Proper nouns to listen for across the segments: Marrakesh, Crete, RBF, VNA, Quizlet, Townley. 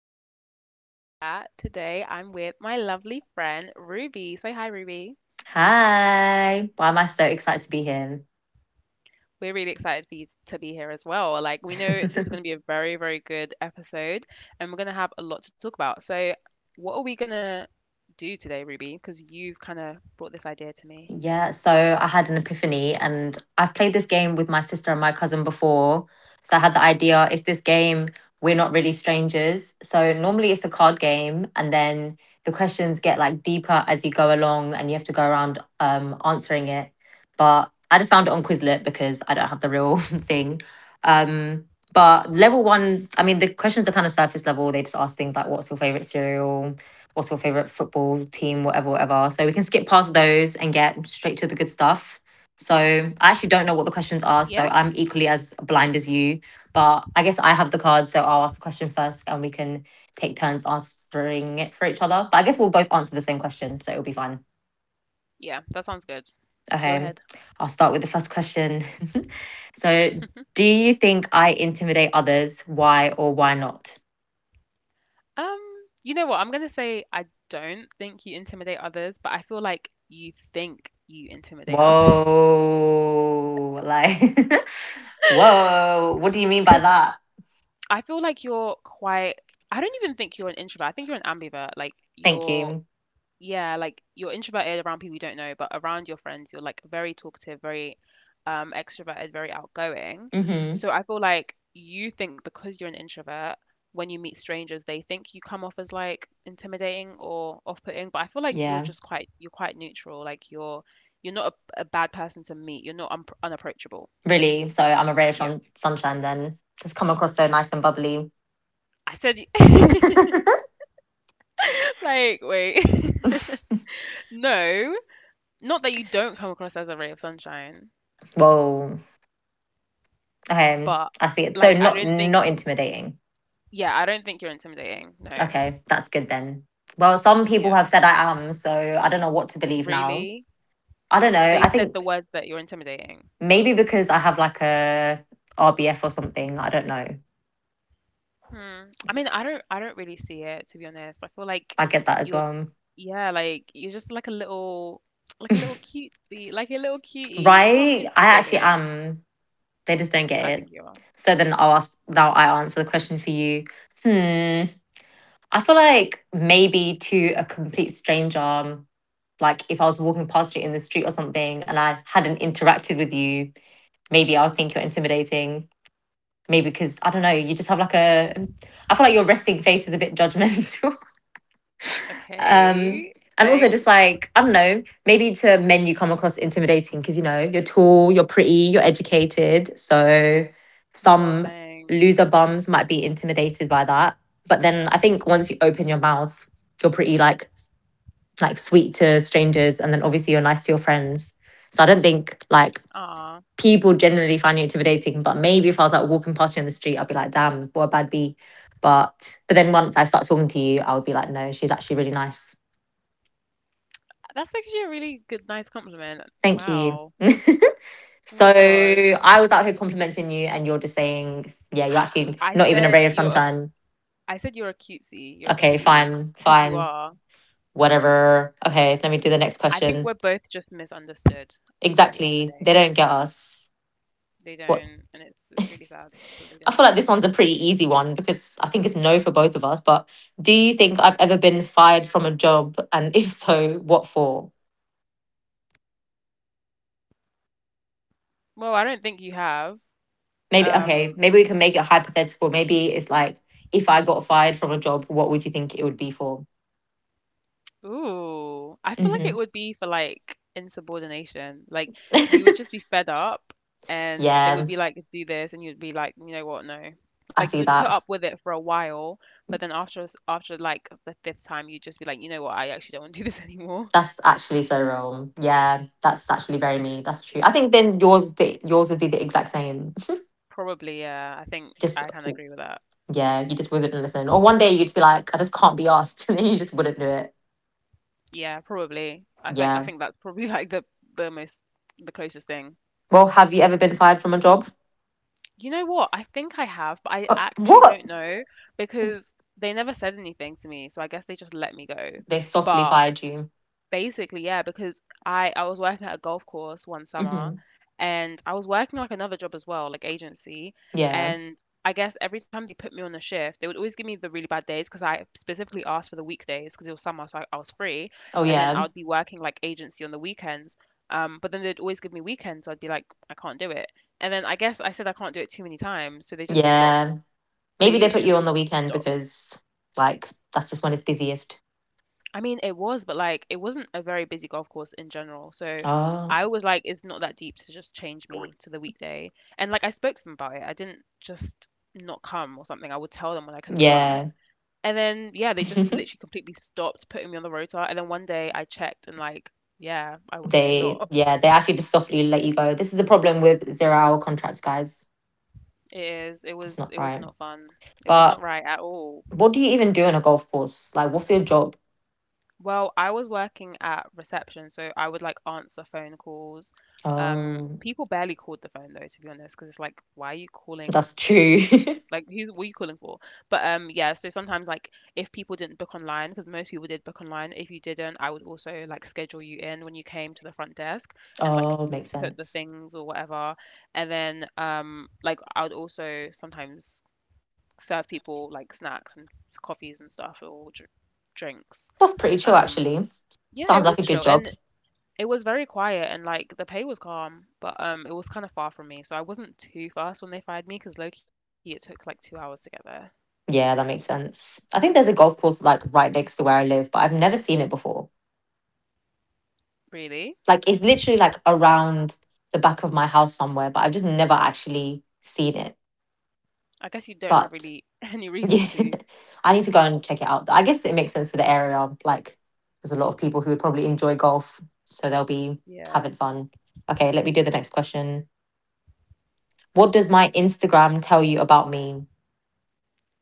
episode of Girl Chat. Today I'm with my lovely friend Ruby. Say hi, Ruby. Hi. Why am I so excited to be here? We're really excited for you to be here as well. Like, we know this is going to be a very, very good episode, and we're going to have a lot to talk about. So, what are we going to do today, Ruby? Because you've kind of brought this idea to me. Yeah, so I had an epiphany and I've played this game with my sister and my cousin before. So I had the idea, it's this game, we're not really strangers. So normally it's a card game and then the questions get like deeper as you go along and you have to go around answering it. But I just found it on Quizlet because I don't have the real thing. Um, but level one, I mean, the questions are kind of surface level. They just ask things like, what's your favorite cereal? What's your favorite football team, whatever, whatever. So we can skip past those and get straight to the good stuff. So I actually don't know what the Yeah? questions are, so I'm equally as blind as you. But I guess I have the card, so I'll ask the question first, and we can take turns answering it for each other. But I guess we'll both answer the same question, so it'll be fine. Yeah, that sounds good. Go Okay, ahead. I'll start with the first question. So, do you think I intimidate others? Why or why not? Um, you know what? I'm gonna say I don't think you intimidate others, but I feel like you think you intimidate others. Whoa, like whoa, what do you mean by Because that? I feel like you're quite, I don't even think you're an introvert. I think you're an ambivert. Like Thank you're you. Yeah, like you're introverted around people you don't know, but around your friends, you're like very talkative, very extroverted, very outgoing. Hmm. So I feel like you think because you're an introvert, when you meet strangers, they think you come off as like intimidating or off-putting. But I feel like you're Yeah, just quite you're quite neutral. Like you're not a bad person to meet. You're not un unapproachable. really. So I'm a ray of Yeah, sunshine then. Just come across so nice and bubbly. I said like wait, no, not that you don't come across as a ray of sunshine, Whoa. Okay, but I see it. So like I not don't think. not intimidating. Yeah, I don't think you're intimidating. No. Okay, that's good then. Well, some people Yeah. have said I am, so I don't know what to believe now. Really? I don't know. They I said the think words that you're intimidating. maybe because I have like a RBF or something. I don't know. Hmm. I mean, I don't really see it, to be honest. I feel like I get that as you're well. yeah, like you're just like a little cutie, like a little cutie. You can't be Right? I actually intimidating. am. They just don't get I it. think you are. So then I'll ask, now I answer the question for you. Hmm. I feel like maybe to a complete stranger, like if I was walking past you in the street or something and I hadn't interacted with you, maybe I would think you're intimidating. Maybe because I don't know, you just have like a, I feel like your resting face is a bit judgmental. Okay. Um, Thanks. and also Oh just like I don't know, maybe to men you come across intimidating because you know you're tall, you're pretty, you're educated, so my God, some thanks. loser bums might be intimidated by that. But then I think once you open your mouth, you're pretty, like sweet to strangers, and then obviously you're nice to your friends. So I don't think like Ah, people generally find you intimidating, but maybe if I was like walking past you in the street, I'd be like, damn, what a bad bee. But then once I start talking to you, I would be like, no, she's actually really nice. that's actually a really good, nice compliment. Thank you. Wow. Oh So my gosh. I was out here complimenting you, and you're just saying, yeah, you're actually I not even a said ray of you're a sunshine. I said you're a cutesy, you're a Okay, cutie, fine, because you fine, are. whatever. Okay, let me do the next I think question. we're both just misunderstood at the end of the Exactly. day. They don't get us. They What? don't, and it's really sad that they I feel don't. like this one's a pretty easy one because I think it's no for both of us. But do you think I've ever been fired from a job? And if so, what for? Well, I don't think you have. Maybe, okay, Um, maybe we can make it hypothetical. Maybe it's like, if I got fired from a job, what would you think it would be for? ooh, I feel like it Hmm. would be for like insubordination. Like you would just be fed up, and they Yeah, would be like, "Do this," and you'd be like, "You know what? No." I Like you see would put that. up with it for a while, but then after like the fifth time, you'd just be like, "You know what? I actually don't want to do this anymore." That's actually so wrong. Yeah, that's actually very me. That's true. I think then yours would be the exact same. Probably, yeah. I think Just I can agree with that. yeah, you just wouldn't listen. Or one day you'd just be like, I just can't be asked, and then you just wouldn't do it. Yeah, probably. I think I Yeah. think that's probably like the most the closest thing. Well, have you ever been fired from a job? You know what? I think I have, but I actually don't What? know because they never said anything to me, so I guess they just let me go. They softly But fired you. basically, yeah, because I was working at a golf course one summer, Hmm. and I was working like another job as well, like agency, Yeah. and I guess every time they put me on a shift, they would always give me the really bad days because I specifically asked for the weekdays because it was summer, so I was free, Oh and then I yeah. would be working like agency on the weekends. But then they'd always give me weekends, so I'd be like, I can't do it. And then I guess I said I can't do it too many times, so they just stopped. Yeah. They Maybe they literally put just you on the weekend stopped. because like that's just when it's busiest. I mean, it was, but like it wasn't a very busy golf course in general. So Oh I was like, it's not that deep to just change me to the weekday. And like I spoke to them about it. I didn't just not come or something. I would tell them when I couldn't come. yeah. And then yeah, they just literally completely stopped putting me on the rotor. And then one day I checked and like yeah, I was just They, not. yeah, they actually just softly let you go. This is a problem with zero-hour contracts, guys. It is. It It's was. not It was right. not fun. It was not But right at all. what do you even do in a golf course? Like, what's your job? Well, I was working at reception, so I would like answer phone calls. Oh, People barely called the phone though, to be honest, because it's like, why are you calling? that's true. Like, who were you calling for? But yeah. So sometimes like if people didn't book online, because most people did book online. If you didn't, I would also like schedule you in when you came to the front desk and like Oh, makes put the sense. things or whatever. And then like I would also sometimes serve people like snacks and coffees and stuff or drinks. That's pretty chill, Um, actually. yeah, it Sounds like a was good chill, job. and it was very quiet and like the pay was calm, but it was kind of far from me, so I wasn't too fast when they fired me because low key it took like 2 hours to get there. Yeah, that makes sense. I think there's a golf course like right next to where I live, but I've never seen it before. Really? Like it's literally like around the back of my house somewhere, but I've just never actually seen it. I guess you don't have But really any reason yeah, to. I need to go and check it out. I guess it makes sense for the area. Like, there's a lot of people who would probably enjoy golf, so they'll be Yeah. having fun. Okay, let me do the next question. What does my Instagram tell you about me?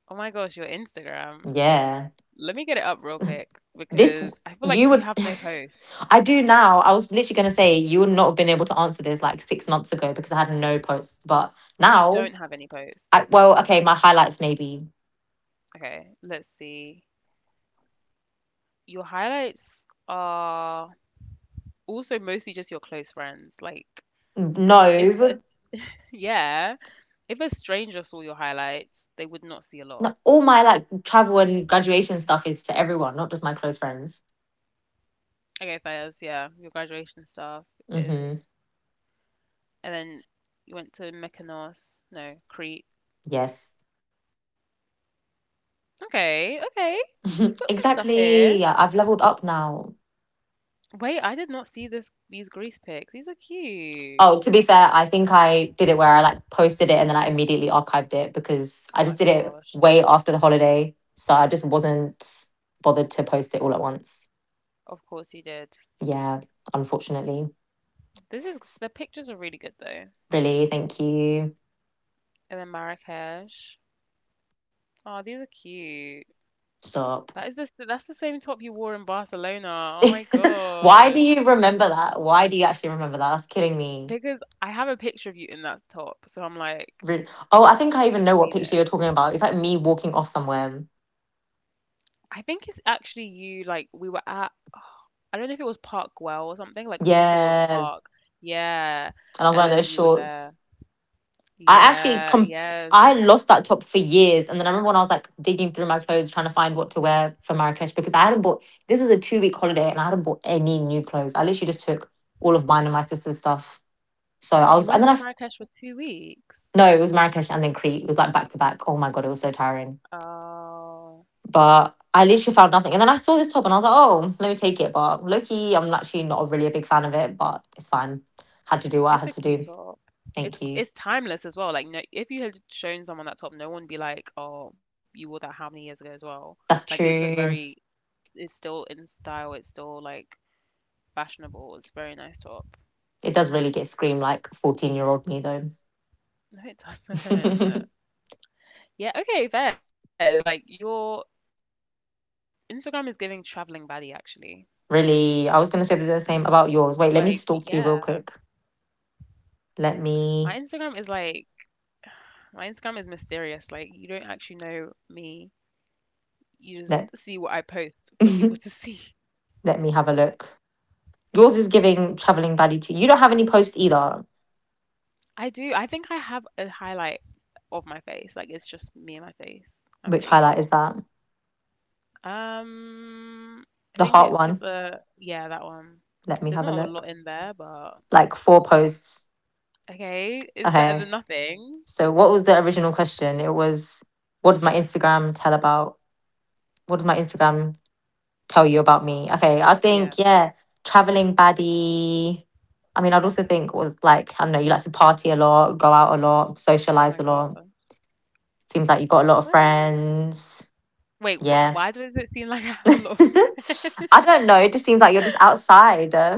Oh my gosh, your Instagram. Yeah, Let me get it up real quick this because I feel like you you would. have no posts. I do now. I was literally gonna say you would not have been able to answer this like 6 months ago because I had no posts, but You now, don't have any posts. I well, okay, my highlights maybe Okay, let's see. Your highlights are also mostly just your close friends. Like no. if yeah, if a stranger saw your highlights, they would not see a lot. No, all my like travel and graduation stuff is for everyone, not just my close friends. Okay, Faiz, yeah, your graduation stuff Mhm. is, and then you went to Mykonos, no, Crete. Yes. Okay, okay, you've got some stuff here. Exactly. Yeah, I've leveled up now. Wait, I did not see this these Greece pics. These are cute. Oh, to be fair, I think I did it where I like posted it and then I immediately archived it because I Oh just my did it gosh. way after the holiday. So I just wasn't bothered to post it all at once. Of course you did. Yeah, unfortunately. This is S- the pictures are really good though. Really, thank you. And then Marrakesh. Oh, these are cute. Stop. That's the same top you wore in Barcelona. Oh my Why gosh. do you remember that? Why do you actually remember that? That's killing me. Because I have a picture of you in that top, so I'm like, Oh, I think I even I've know what seen picture it. you're talking about. It's like me walking off somewhere. I think it's actually you, like, we were at, I don't know if it was Park Well or something, like some sort of Yeah, park. Yeah. and I was And wearing then those you were there. shorts. I actually Yeah, com- yeah. I lost that top for years, and then I remember when I was like digging through my clothes trying to find what to wear for Marrakesh because I hadn't bought. This was a 2 week holiday, and I hadn't bought any new clothes. I literally just took all of mine and my sister's stuff. So I was, You and then went to I Marrakesh for 2 weeks. No, it was Marrakesh and then Crete. It was like back to back. Oh my god, it was so tiring. Oh, But I literally found nothing, and then I saw this top, and I was like, oh, let me take it. But Loki, I'm actually not really a big fan of it, but it's fine. Had to do what I it's had a to cute do. top. It's Thank you. it's timeless as well. Like, no, if you had shown someone that top, no one would be like, "Oh, you wore that how many years ago?" as well. Like, That's true. it's still in style. It's still like fashionable. It's a very nice top. It does really get screamed like 14-year-old me though. No, it doesn't. Yeah, okay, fair. Like your Instagram is giving traveling baddie actually. Really, I was gonna say the Like, same about yours. Wait, yeah. let me stalk you real quick. My Let Instagram is me like my Instagram is mysterious. Like you don't actually know me. You just see let what I post for people to see. let me have a look. Yours is giving traveling buddy to you. Don't have any posts either. I do. I think I have a highlight of my face. Like it's just me and my face. I'm pretty Which highlight sure. is that? Um, I The think it's heart it's one. a, yeah, that one. Let There's me have not a a lot look. in there, but Like four posts. okay, it's better than Okay. nothing. So what was the original question? It was what does my Instagram tell about? What does my Instagram tell you about me. Okay, I Yeah. think yeah, traveling baddie. I mean, I'd also think was like I don't know, you like to party a lot, go out a lot, Oh socialize my a lot. god. Seems like you got a lot of Well, friends. wait, Yeah, why does it seem like I have a lot of. I don't know. It just seems like you're just outside.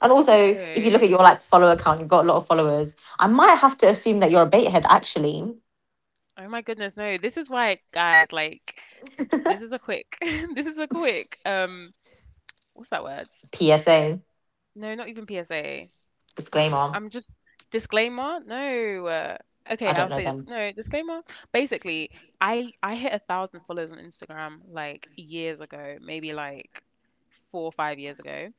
And also, if you look at your Oh, like follower count, you've got a lot of followers. I might have to assume that you're a baithead, actually. oh my goodness, no. This is why, guys, like, this is a quick, this is a quick, what's that word? PSA No, not even PSA. Ugh, disclaimer. I'm just disclaimer. No. Okay, I don't I'll know say this. then. No, disclaimer. Basically, I hit 1,000 followers on Instagram like years ago, maybe like 4 or 5 years ago,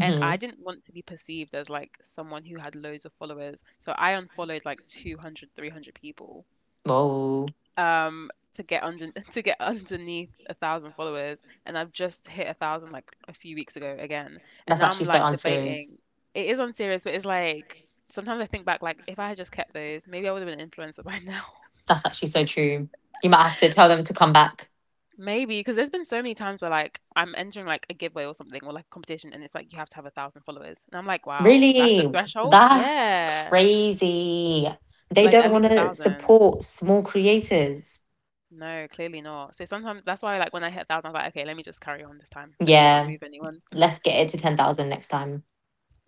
and I didn't want to be perceived as like someone who had loads of followers, so I unfollowed like 200, 300 people Whoa, to get under to get underneath 1,000 followers, and I've just hit 1,000 like a few weeks ago again, and that's now I'm actually so like unserious. debating. It is unserious, but it's like sometimes I think back like if I had just kept those, maybe I would have been an influencer by now. That's actually so true. You might have to tell them to come back. Maybe because there's been so many times where like I'm entering like a giveaway or something or like competition, and it's like you have to have 1,000 followers, and I'm like, wow, that's the Really? threshold, That's yeah. crazy. They Like, don't at want least a to thousand support small creators. No, clearly not, so sometimes that's why like when I hit 1,000, I was like, okay, let me just carry on this time, let me not Yeah, remove anyone. let's get it to 10,000 next time.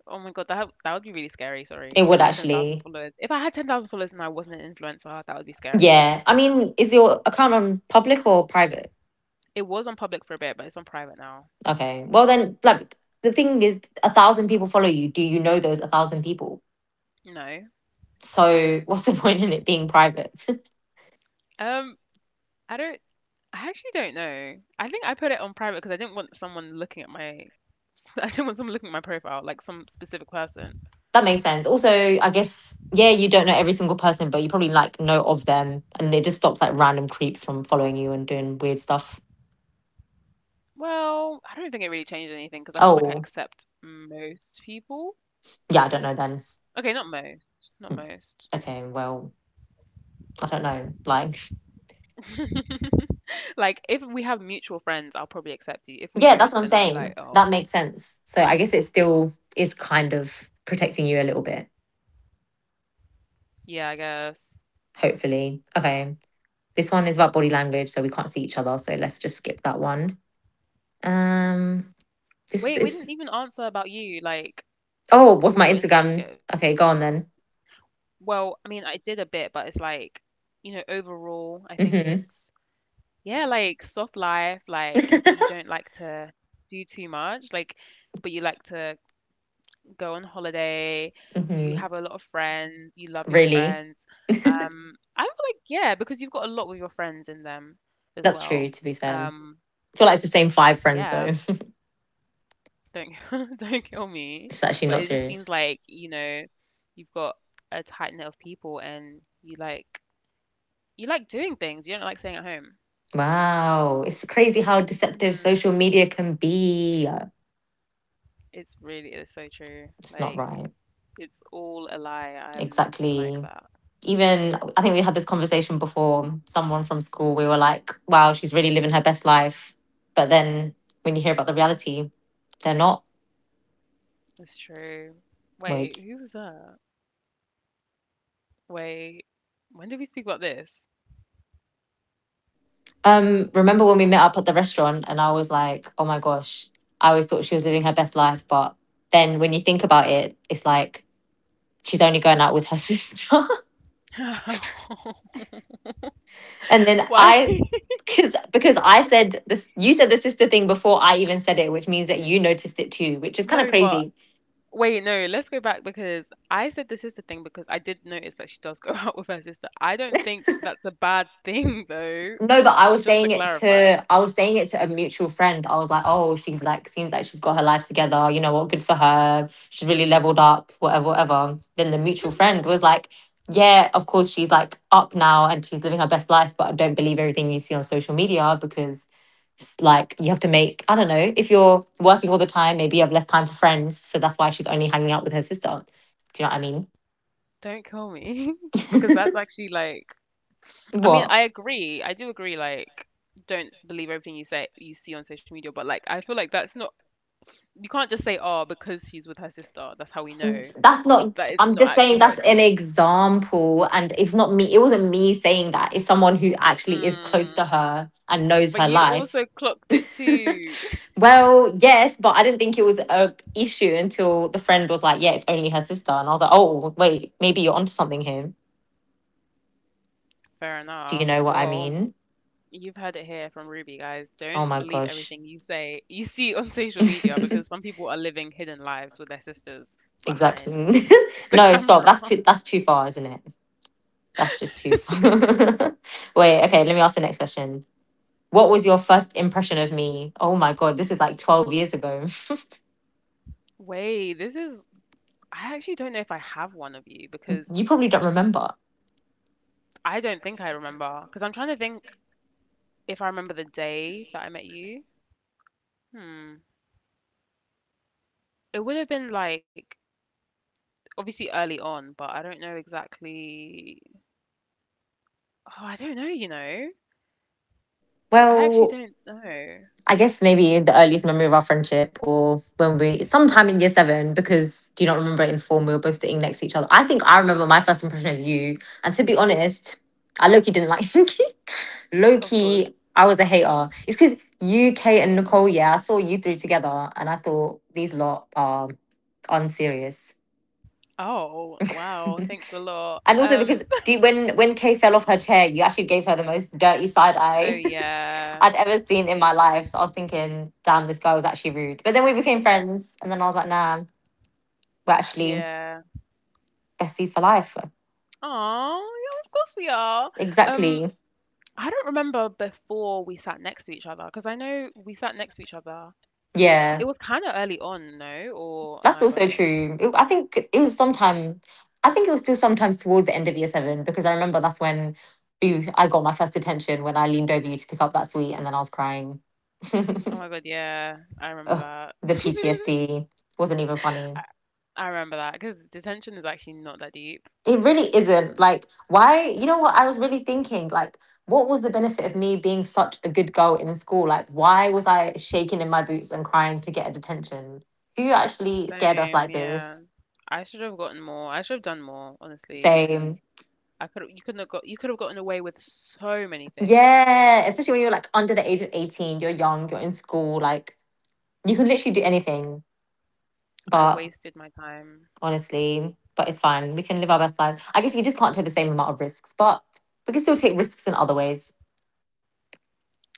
Oh my God, that would be really scary. It Sorry, if would I had 10,000 actually. followers, if I had 10,000 followers and I wasn't an influencer, that would be scary. Yeah. I mean, is your account on public or private? It was on public for a bit, but it's on private now. Okay. Well, then, like, the thing is, 1,000 people follow you. Do you know those 1,000 people? No, So, what's the point in it being private? um, I don't. I actually don't know. I think I put it on private because I didn't want someone looking at my. I didn't want someone looking at my profile, like some specific person. That makes sense. Also, I guess yeah, you don't know every single person, but you probably like know of them, and it just stops like random creeps from following you and doing weird stuff. Well, I don't think it really changed anything because I feel like I Oh, accept most people. yeah, I don't know then. Okay, not most, not most. Okay, well, I don't know. Like, Like if we have mutual friends, I'll probably accept you. If we yeah, that's what don't, I'm then I'll be like, saying. oh. That makes sense. So I guess it still is kind of protecting you a little bit, Yeah, I guess. hopefully. Okay, this one is about body language, so we can't see each other. So let's just skip that one. Um, this Wait, we is didn't even answer about you, like Oh, what's what my your Instagram Instagram? gave. Okay, go on then. Well, I mean, I did a bit, but it's like, overall, I think it's Hmm. yeah, like soft life, like you don't like to do too much, like but you like to go on holiday, you Hmm. have a lot of friends, you love your Really? friends. I feel like yeah, because you've got a lot with your friends in them as That's true, well. to be fair. Um, I feel like it's the same five friends, yeah. though. Don't don't kill me. It's actually But not it just serious. seems like, you've got a tight knit of people and you like doing things. You don't like staying at home. Wow. It's crazy how deceptive Hmm. social media can be. It is so true. It's not Like right. it's all a lie. I am nothing like Exactly. that. Even, I think we had this conversation before. Someone from school, we were like, wow, she's really living her best life. But then when you hear about the reality, they're not. It's true. Like, Wait, who was that? Wait, when did we speak about this? Remember when we met up at the restaurant and I was like, oh my gosh, I always thought she was living her best life. But then when you think about it, it's like, she's only going out with her sister. And then Why? I because because I said this, you said the sister thing before I even said it, which means that you noticed it too, which is kind of No, but crazy. Wait, no, let's go back because I said the sister thing because I did notice that she does go out with her sister. I don't think that's a bad thing though, No, but I was just to saying it clarify. to I was saying it to a mutual friend. I was like, oh, she's like seems like she's got her life together. You know what? Good for her. She's really leveled up, whatever, whatever. Then the mutual friend was like, yeah, of course she's like up now and she's living her best life, but I don't believe everything you see on social media because like you have to make, I don't know, if you're working all the time, maybe you have less time for friends. So that's why she's only hanging out with her sister. Do you know what Don't kill me I because that's mean? actually like I mean, What? I agree. I do agree like don't believe everything you see on social media, but like I feel like that's not you can't just say, oh, because she's with her sister, that's how we know. That's not, That is I'm not just saying actually how that's it an seems. example. And it's not me, it wasn't me saying that. It's someone who actually is close to Mm. her and knows But her you life. also clocked it too. Well, yes, but I didn't think it was a issue until the friend was like, "Yeah, it's only her sister," and I was like, "Oh, wait, maybe you're onto something here." Fair Do you enough. know what I Well, mean? you've heard it here from Ruby, guys. Oh Don't my believe gosh. everything you see on social media because some people are living hidden lives with their sisters behind Exactly. the No, stop. camera. That's too far, isn't it? That's just too far. Wait, okay, let me ask the next question. What was your first impression of me? Oh my God, this is like 12 years ago. Wait, this is. I actually don't know if I have one of you because You probably don't remember. I don't think I remember. Because I'm trying to think if I remember the day that I met you. Hmm. It would have been like obviously early on, but I don't know exactly. Oh, I don't know. I actually Well, don't know. I guess maybe the earliest memory of our friendship or when we sometime in year seven, because do you not remember it in form, we were both sitting next to each other. I think I remember my first impression of you. And to be honest, I low key didn't like you. Low Of course. key, I was a hater. It's because you, Kate, and Nicole, yeah, I saw you three together and I thought these lot are unserious. Oh, wow, thanks a And lot. also because do you, when Kay fell off her chair, you actually gave her the most dirty side oh eye yeah. I'd ever seen in my life. So I was thinking, damn, this guy was actually rude. But then we became friends, and then I was like, nah, we're actually Yeah. besties for life. Oh, yeah, of course we are. Um, Exactly. I don't remember before we sat next to each other because I know we sat next to each other. It Yeah, was kind of early on, no? Or am that's I also bugging? true. It- I think it was sometime. I think it was still sometimes towards the end of year seven because I remember that's when we, I got my first attention when I leaned over you to pick up that sweet, and then I was crying. Oh my God, yeah, I remember Ugh, that. the PTSD wasn't even I, funny. I remember that because detention is actually not that deep. It really isn't. Like, why? You know what? I was really thinking, like, what was the benefit of me being such a good girl in school? Like, why was I shaking in my boots and crying to get a detention? Who actually scared us Same, like yeah. this? I should have gotten more. I should have done more, honestly, because Same. I could you couldn't have got you could have gotten away with so many things. Yeah. Especially when you're like under the age of 18, you're young, you're in school, like, you can literally do anything. I But wasted my time. honestly, but it's fine. We can live our best life. I guess you just can't take the same amount of risks, but we can still take risks in other ways.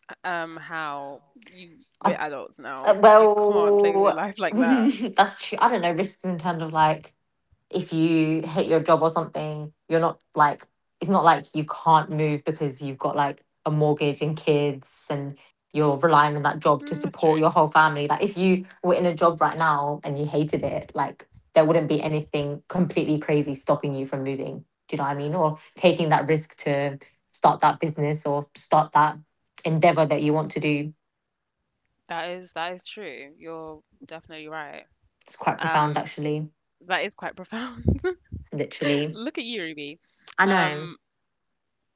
How you we're I adults now. You can't play with your life like that. that's true. I don't know, risks in terms of like if you hit your job or something, you're not like it's not like you can't move because you've got like a mortgage and kids and you're relying on Mm, that's that job true. to support your whole family. Like if you were in a job right now and you hated it, like there wouldn't be anything completely crazy stopping you from moving. Do you know what I mean? Or taking that risk to start that business or start that endeavor that you want to do. That is true. You're definitely right. It's quite profound Um, actually. that is quite profound. Literally. Look at you, Ruby. I know. Um,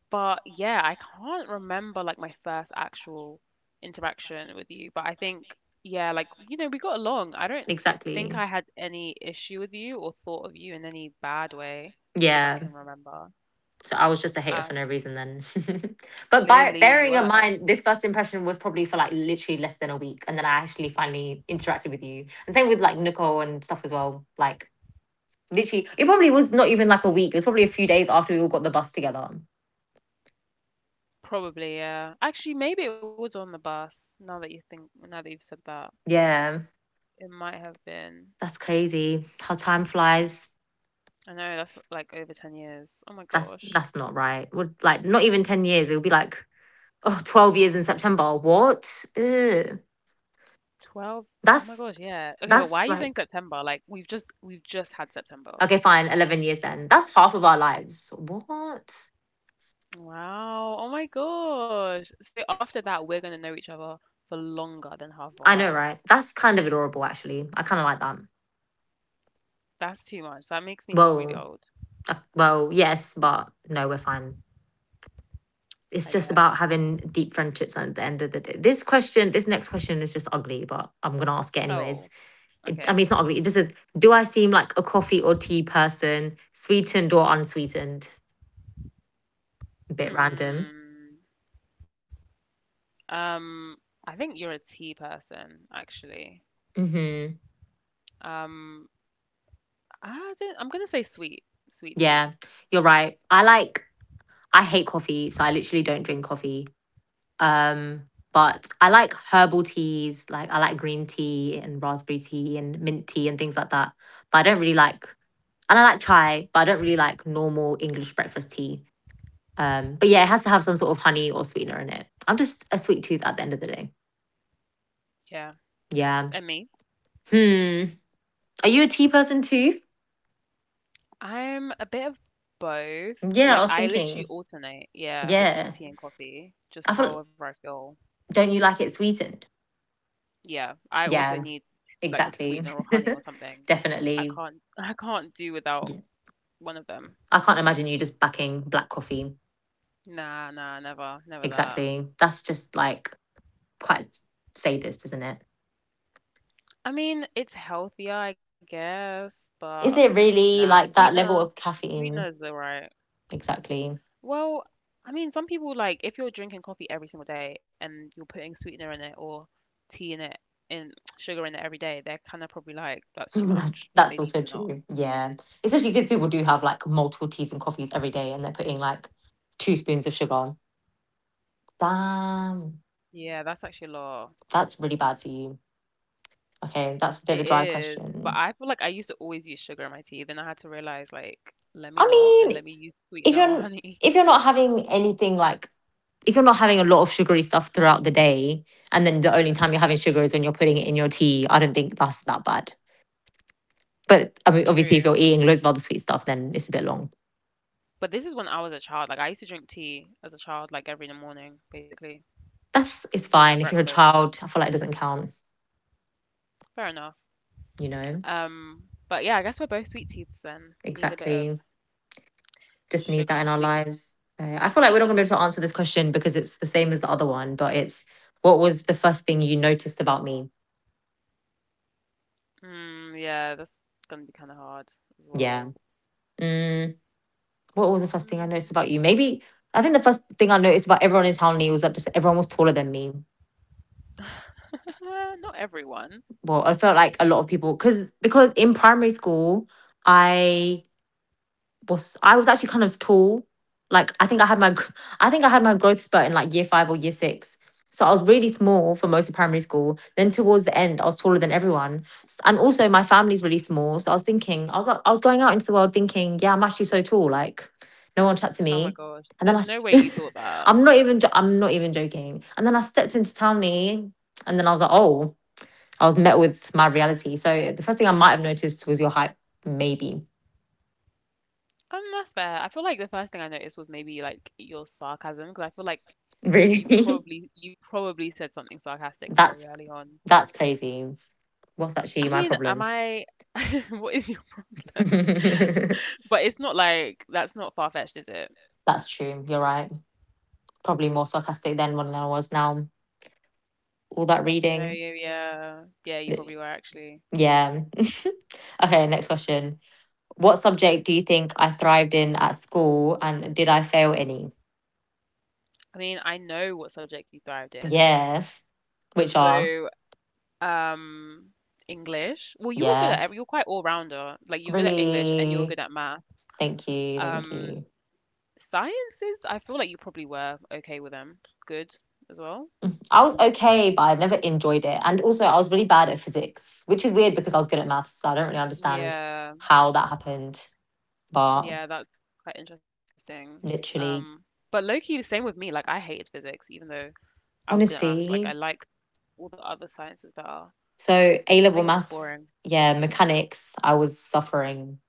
But yeah, I can't remember like my first actual interaction with you, but I think yeah, like we got along. I don't think Exactly. I had any issue with you or thought of you in any bad way, if I Yeah. can remember. So I was just a hater for no Um, reason then. But by Clearly you bearing in were. mind this first impression was probably for like literally less than a week and then I actually finally interacted with you. And same with like Nicole and stuff as well. Like literally it probably was not even like a week. It was probably a few days after we all got the bus together. Probably, yeah. Actually, maybe it was on the bus, now that you've said that. Yeah. It might have been. That's crazy. How time flies. I know that's like over 10 years. Oh my That's gosh. that's not right. Would like not even 10 years. It would be like oh, 12 years in September. What? Ugh. 12? Oh my That's gosh, yeah. Okay, but why are that's you saying like September? Like we've just had September. okay, fine, 11 years then. That's half of our lives. What? Wow. Oh my gosh. So after that, we're going to know each other for longer than half of our I know, lives. right? That's kind of adorable, actually. I kind of like that. That's too much. That makes me feel really Well, old, well, yes, but no, we're fine. It's I just guess. about having deep friendships at the end of the day. This question, this next question is just ugly, but I'm going to ask it anyways. Oh, It, I mean, okay. it's not ugly. It just says, do I seem like a coffee or tea person, sweetened or unsweetened? A bit random. Hmm. Um, I think you're a tea person, actually. Hmm. Um, I don't, I'm gonna say sweet tea. Yeah, you're right. I like I hate coffee, so I literally don't drink coffee. Um, but I like herbal teas, like I like green tea and raspberry tea and mint tea and things like that. But I don't really like and I like chai, but I don't really like normal English breakfast tea. But yeah, it has to have some sort of honey or sweetener in it. I'm just a sweet tooth at the end of the day. Yeah. Yeah. And me? Hmm. Are you a tea person too? I'm a bit of both. Yeah, I Like was I literally thinking. alternate, yeah, between Yeah. tea and coffee, I just feel however I feel. don't you like it sweetened? Yeah, I also Yeah. need like Exactly. sweetener or honey or something. I Definitely. can't I can't do without Yeah. one of them. I can't imagine you just backing black coffee. Nah, nah, never, never that. Exactly. That's just like quite sadist, isn't it? I mean, it's healthier, I guess, but Is it nah, really like that sweetener, level of sweetener caffeine? is alright. Exactly. Well, I mean, some people, like, if you're drinking coffee every single day and you're putting sweetener in it, or tea in it and sugar in it every day, they're kind of probably like, that's too that's, much. Like, they that's need to also not. true. Yeah. Especially because people do have like multiple teas and coffees every day and they're putting like two spoons of sugar on. Damn. Yeah, that's actually a lot. That's really bad for you. Okay. That's a bit of a It dry is, but question. I feel like I used to always use sugar in my tea. Then I had to realize, like, let me I not, and mean, let me use if sweetener or you're honey. if you're not having anything like if you're not having a lot of sugary stuff throughout the day, and then the only time you're having sugar is when you're putting it in your tea, I don't think that's that bad. But I mean, obviously, if True. you're eating loads of other sweet stuff, then it's a bit long. But this is when I was a child. Like, I used to drink tea as a child, like every morning, basically, That's it's as my fine. If you're a breakfast. child, I feel like it doesn't count. Fair enough. You know, Um, but yeah, I guess we're both sweet teeths then. We need a bit of exactly. Just need that sugar in or our sweetener. lives. I feel like we're not gonna be able to answer this question because it's the same as the other one, but it's what was the first thing you noticed about me? Yeah, that's gonna be kind of hard as Yeah. well. Mm, what was the first thing I noticed about Mm, you? Maybe I think the first thing I noticed about everyone in Townley was that just everyone was taller than me. Not everyone. Well, I felt like a lot of people because in primary school I I was actually kind of tall. Like I think I had my I think I had my growth spurt in like year five or year six. So I was really small for most of primary school. Then towards the end, I was taller than everyone, and also my family's really small. So I was thinking, I was like- I was going out into the world thinking, yeah, I'm actually so tall. Like no one chat to Oh my me. gosh, And there's then I no way i you thought s- that. I'm not even joking. And then I stepped into Townley, and then I was like, oh, I was met with my reality. So the first thing I might have noticed was your height, maybe. That's fair. I feel like the first thing I noticed was maybe like your sarcasm, because I feel like you Really? probably you probably said something sarcastic very that's early on. that's crazy. What's actually I my mean, am problem? I? What is your problem? That's But it's not like that's not far-fetched, is it? true. You're right. Probably more sarcastic then than I was now. All that No, reading. yeah, yeah, yeah. You probably were actually. Yeah. Okay, next question. What subject do you think I thrived in at school and did I fail any? I mean, I know what subjects you thrived in. Yeah. Which are, So, um, English. Well, you were good at yeah. every. You're quite all-rounder. Like, you're good at English and you're Really. good at maths. Thank you. Thank Um, you. Sciences, I feel like you probably were okay with them. Good as well. I was okay, but I never enjoyed it. And also, I was really bad at physics, which is weird because I was good at maths. So I don't really understand Yeah, how that happened. But yeah, that's quite interesting. Um, literally, but low key, the same with me. Like, I hated physics, even though I was good at maths. Like, I honestly, liked all the other sciences better. so A I think it level was just boring. maths, yeah, mechanics, I was suffering.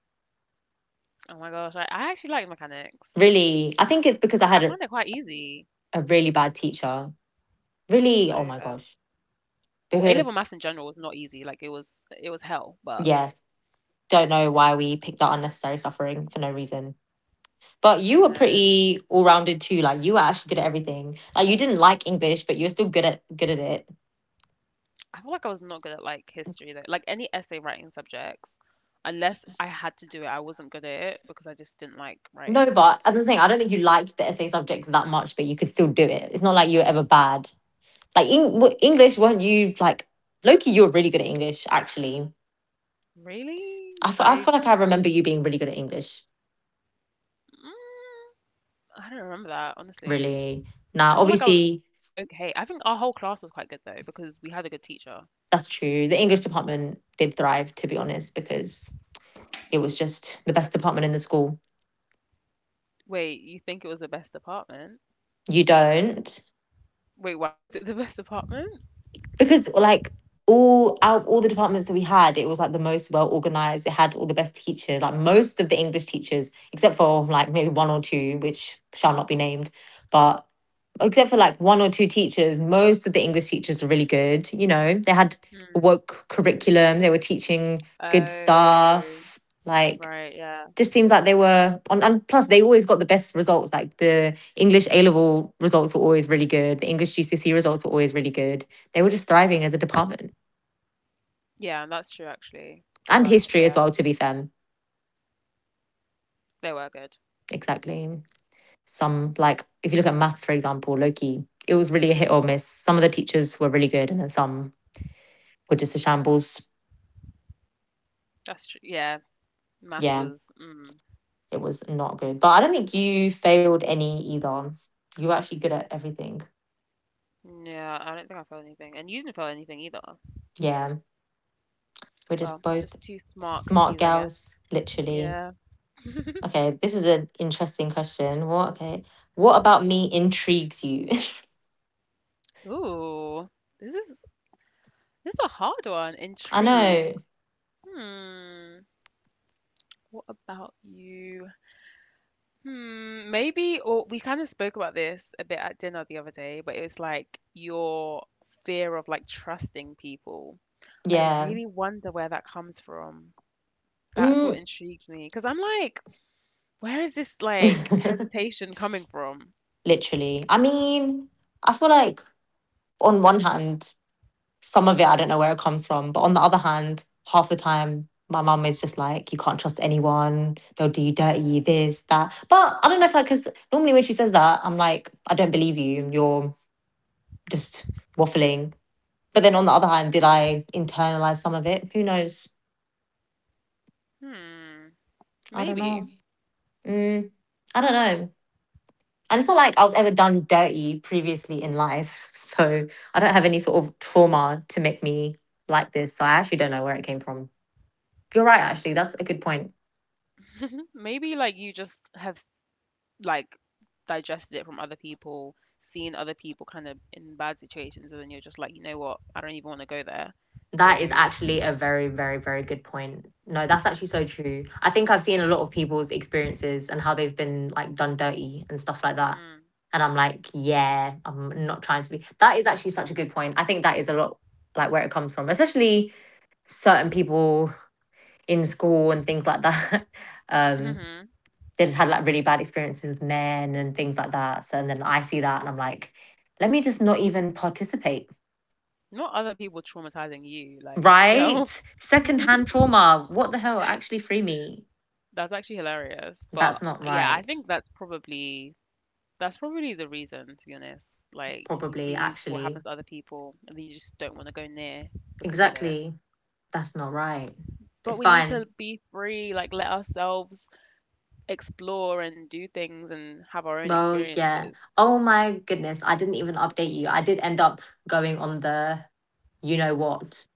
Oh my gosh, I actually liked mechanics. Really, I think it's because I I had a, found it quite easy. a really bad teacher. Really, oh I my guess. gosh. Well, A Because, level maths in general was not easy. Like, it was hell. But yeah, don't know why we picked that unnecessary suffering for no reason. But I you don't were know. pretty all rounded too. Like you were actually good at everything. Like you didn't like English, but you were still good at it. I feel like I was not good at like history though. Like, any essay writing subjects, unless I had to do it, I wasn't good at it because I just didn't like writing. No, but I'm just saying I don't think you liked the essay subjects that much, but you could still do it. It's not like you were ever bad. Like Eng- well, English, weren't you like Loki? You were really good at English, actually. Really? I I feel like I remember you being really good at English. mm, I don't remember that, honestly. Really. Now, I feel like I was obviously, I was okay. I think our whole class was quite good though because we had a good teacher. that's true. The English department did thrive, to be honest, because it was just the best department in the school. Wait, you think it was the best department? You don't. Wait, why was it the best department? Because all out of all the departments that we had, it was like the most well organized. It had all the best teachers, like most of the English teachers, except for like maybe one or two, which shall not be named. But except for like one or two teachers, most of the English teachers are really good. They had Hmm. woke curriculum, they were teaching good Oh, stuff. Like right, yeah. just seems like they were on, and plus they always got the best results. Like the english A level results were always really good, the english gcse results were always really good. They were just thriving as a department. Yeah, that's true actually. They And were history as Yeah, well, to be fair. they were good. Exactly. Some, like, if you look at maths for example, loki, it was really a hit or miss. Some of the teachers were really good and then some were just a shambles. That's true. Yeah, math Yeah, was mm. it was not good, but I don't think you failed any either. You were actually good at everything. Yeah, I don't think I felt anything. And you didn't feel anything either. Yeah, we're just Well, both just two smart smart cookies, I guess. gals, literally. Yeah. Okay, this is an interesting question. What? Okay. What about me intrigues you? Ooh, this is this is a hard one. I Intrigue. know. Hmm. What about you? Hmm. Maybe, or we kind of spoke about this a bit at dinner the other day, but it was like your fear of like trusting people. I Yeah. really wonder where that comes from. That's what Mm. intrigues me because I'm like, where is this like hesitation coming from? Literally. I mean, I feel like on one hand, some of it I don't know where it comes from, but on the other hand, half the time my mum is just like, you can't trust anyone. They'll do you dirty, this, that. But I don't know if I, because normally when she says that, I'm like, I don't believe you. You're just waffling. But then on the other hand, did I internalize some of it? Who knows? Hmm. I don't Maybe. know. Mm, I don't know. And it's not like I was ever done dirty previously in life. So I don't have any sort of trauma to make me like this. So I actually don't know where it came from. You're right, actually. That's a good point. Maybe like you just have like digested it from other people, seen other people kind of in bad situations, and then you're just like, you know what? I don't even want to go there. That is So, actually a very, very, very good point. No, that's actually so true. I think I've seen a lot of people's experiences and how they've been like done dirty and stuff like that. mm, And I'm like, yeah, I'm not trying to be. That is actually such a good point. I think that is a lot like where it comes from, especially certain people in school and things like that. um, mhm. they just had like really bad experiences with men and things like that. So and then I see that and I'm like, let me just not even participate. Not other people traumatizing you, like, Right? girl. Secondhand trauma. What the hell? Actually free me. That's actually hilarious. That's But not yeah, I right. think that's probably the reason, to be honest. Like, you Probably see what happens actually. to other people and then you just don't want to go near because of it. Exactly. That's not right. But It's we need fine. to be free, like let ourselves explore and do things and have our own Well, yeah. experiences. Oh my goodness. I didn't even update you. I did end up going on the, you know what.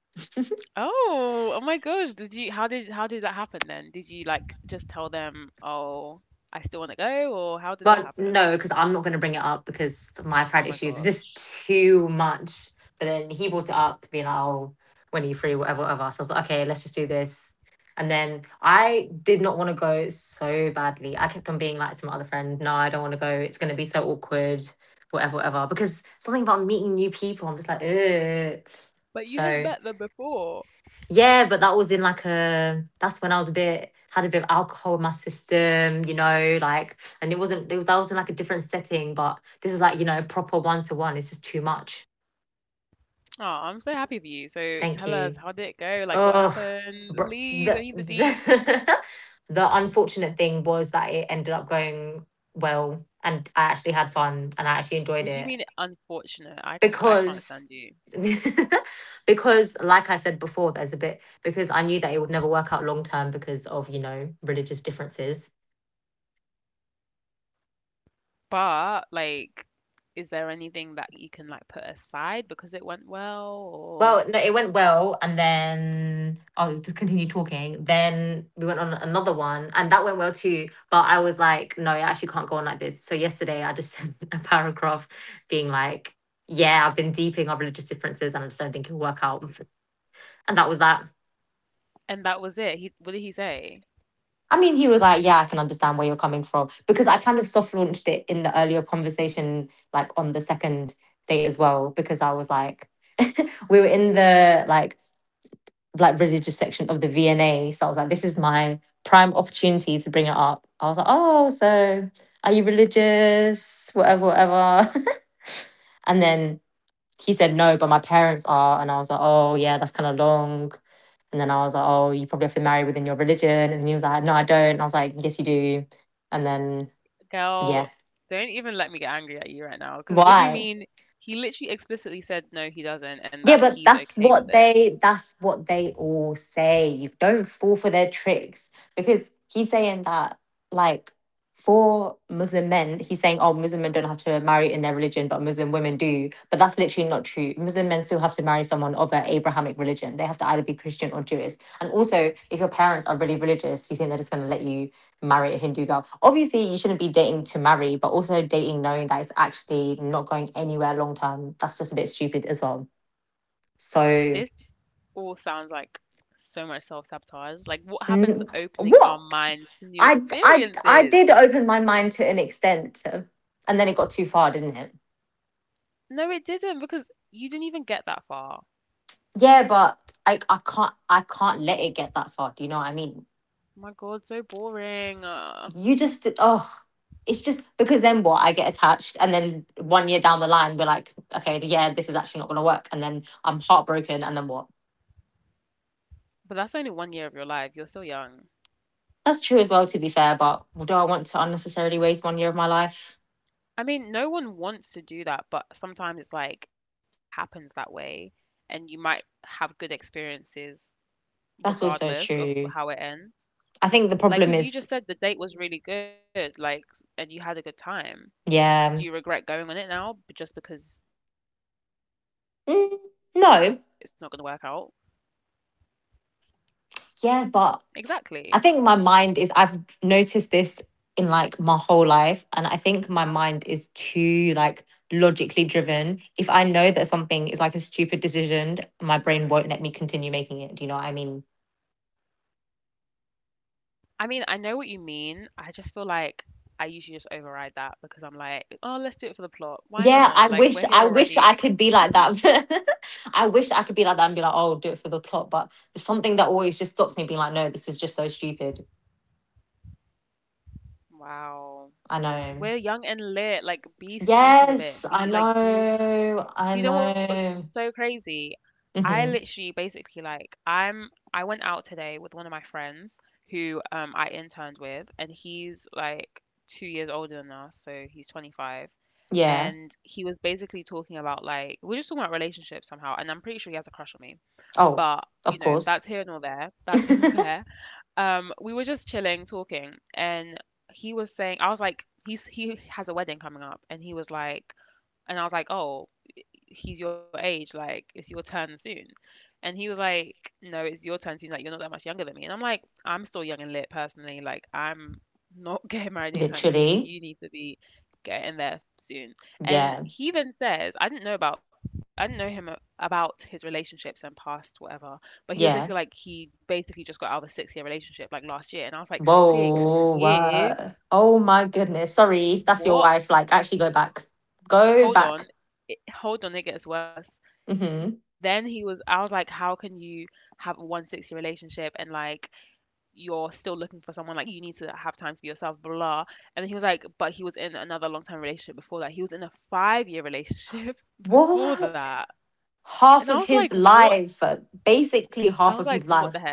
Oh, oh my gosh. Did you how did that happen then? Did you like just tell them, "Oh, I still want to go," or how did that Well, happen? no, because I'm not going to bring it up because my Oh pride my issues are gosh. just too much. But then he brought it up, being like, oh, when are you free, whatever, whatever. So I was like, okay, let's just do this. And then I did not want to go so badly. I kept on being like to my other friend, no, I don't want to go. It's going to be so awkward, whatever, whatever. Because something about meeting new people, I'm just like, ugh. But you had So met them before. yeah, but that's when I was a bit had a bit of alcohol in my system, you know, like and it wasn't it was, that was in like a different setting, but this is like, proper one to one. It's just too much. Oh, I'm so happy for you. So Thank tell us, you. how did it go? Like, what Oh, happened? br- Please, I the need the deets. the, the unfortunate thing was that it ended up going well and I actually had fun and I actually enjoyed What do you it mean unfortunate? I can't because stand you. because like I said before, there's a bit because I knew that it would never work out long term because of, you know, religious differences. But like, is there anything that you can like put aside because it went well, or Well, no, it went well and then I'll just continue talking. Then we went on another one and that went well too. But I was like, no, I actually can't go on like this. So yesterday I just sent a paragraph being like, yeah, I've been deeping our religious differences and I just don't think it'll work out. And that was that. And that was it. He What did he say? I mean, he was like, "Yeah, I can understand where you're coming from," because I kind of soft launched it in the earlier conversation, like on the second date as well, because I was like, we were in the like religious section of the VNA, so I was like, "This is my prime opportunity to bring it up." I was like, "Oh, so are you religious? Whatever, whatever," and then he said no, but my parents are, and I was like, "Oh, yeah, that's kind of long." And then I was like, "Oh, you probably have to marry within your religion," and he was like, "No, I don't," and I was like, "Yes, you do." And then yeah. Girl, don't even let me get angry at you right now. Because what do you Why? mean? He literally explicitly said no, he doesn't, and Yeah, that but he's that's okay with what it. they that's what they all say. You don't fall for their tricks because he's saying that like for Muslim men, he's saying, oh, Muslim men don't have to marry in their religion, but Muslim women do. But that's literally not true. Muslim men still have to marry someone of an Abrahamic religion. They have to either be Christian or Jewish. And also, if your parents are really religious, do you think they're just going to let you marry a Hindu girl? Obviously, you shouldn't be dating to marry, but also dating knowing that it's actually not going anywhere long term. That's just a bit stupid as well. So This all sounds like so much self sabotage. Like, what happens n- opening our what? minds to new I experiences? did open my mind to an extent, and then it got too far, didn't it? No, it didn't because you didn't even get that far. Yeah, but I can't let it get that far. Do you know what I mean? My God, so boring. Ugh. You just oh, it's just because then what? I get attached, and then one year down the line, we're like, okay, yeah, this is actually not going to work, and then I'm heartbroken, and then what? But that's only 1 year of your life. You're still young. That's true as well, to be fair. But do I want to unnecessarily waste one year of my life? I mean, no one wants to do that, but sometimes it's like it happens that way, and you might have good experiences That's also regardless of true. how it ends. I think the problem Like, because is, you just said the date was really good, like, and you had a good time. Do you yeah, regret going on it now just because you know it's not going to work out? Mm, no. Exactly. Yeah, but I think my mind is, I've noticed this in like my whole life. And I think my mind is too like logically driven. If I know that something is like a stupid decision, my brain won't let me continue making it. Do you know what I mean? I mean, I know what you mean. I just feel like I usually just override that because I'm like, oh, let's do it for the plot. Why Yeah, I not? Like, wish we're I here wish I already. could be like that. I wish I could be like that and be like, oh, do it for the plot. But there's something that always just stops me being like, no, this is just so stupid. Wow. I know. We're young and lit. Like, be stupid a Yes, bit. I Be like, do know. do I you know what's so know. crazy? I literally, Hmm. basically, like, I'm. I went out today with one of my friends who I interned with, and he's like 2 years older than us, so he's 25. Yeah. And he was basically talking about like we're just talking about relationships somehow, and I'm pretty sure he has a crush on me. Oh, But of you know, course. that's here nor there. That's here nor there. We were just chilling talking, and he was saying, I was like, he has a wedding coming up. And he was like, and I was like, oh, he's your age, like it's your turn soon. And he was like, no, it's your turn soon, like you're not that much younger than me. And I'm like, I'm still young and lit personally, like I'm not getting married anytime soon. Literally. You need to be getting there soon. And Yeah. he then says, I didn't know about, I didn't know him about his relationships and past whatever, but he was basically Yeah. like he basically just got out of a 6-year relationship like last year. And I was like, Six Whoa. What? years? Oh my goodness. Sorry. That's your wife. What? Like, actually go back. Go back. Hold on, hold on, it gets worse. Hmm. Then he was I was like, how can you have a 160 relationship, and like you're still looking for someone, like you need to have time to be yourself, blah, blah. And then he was like, but he was in another long term relationship before that. He was in a 5-year relationship before What? that. And I was Half of like, his what? life. Basically, I was half of like, his what the life. heck?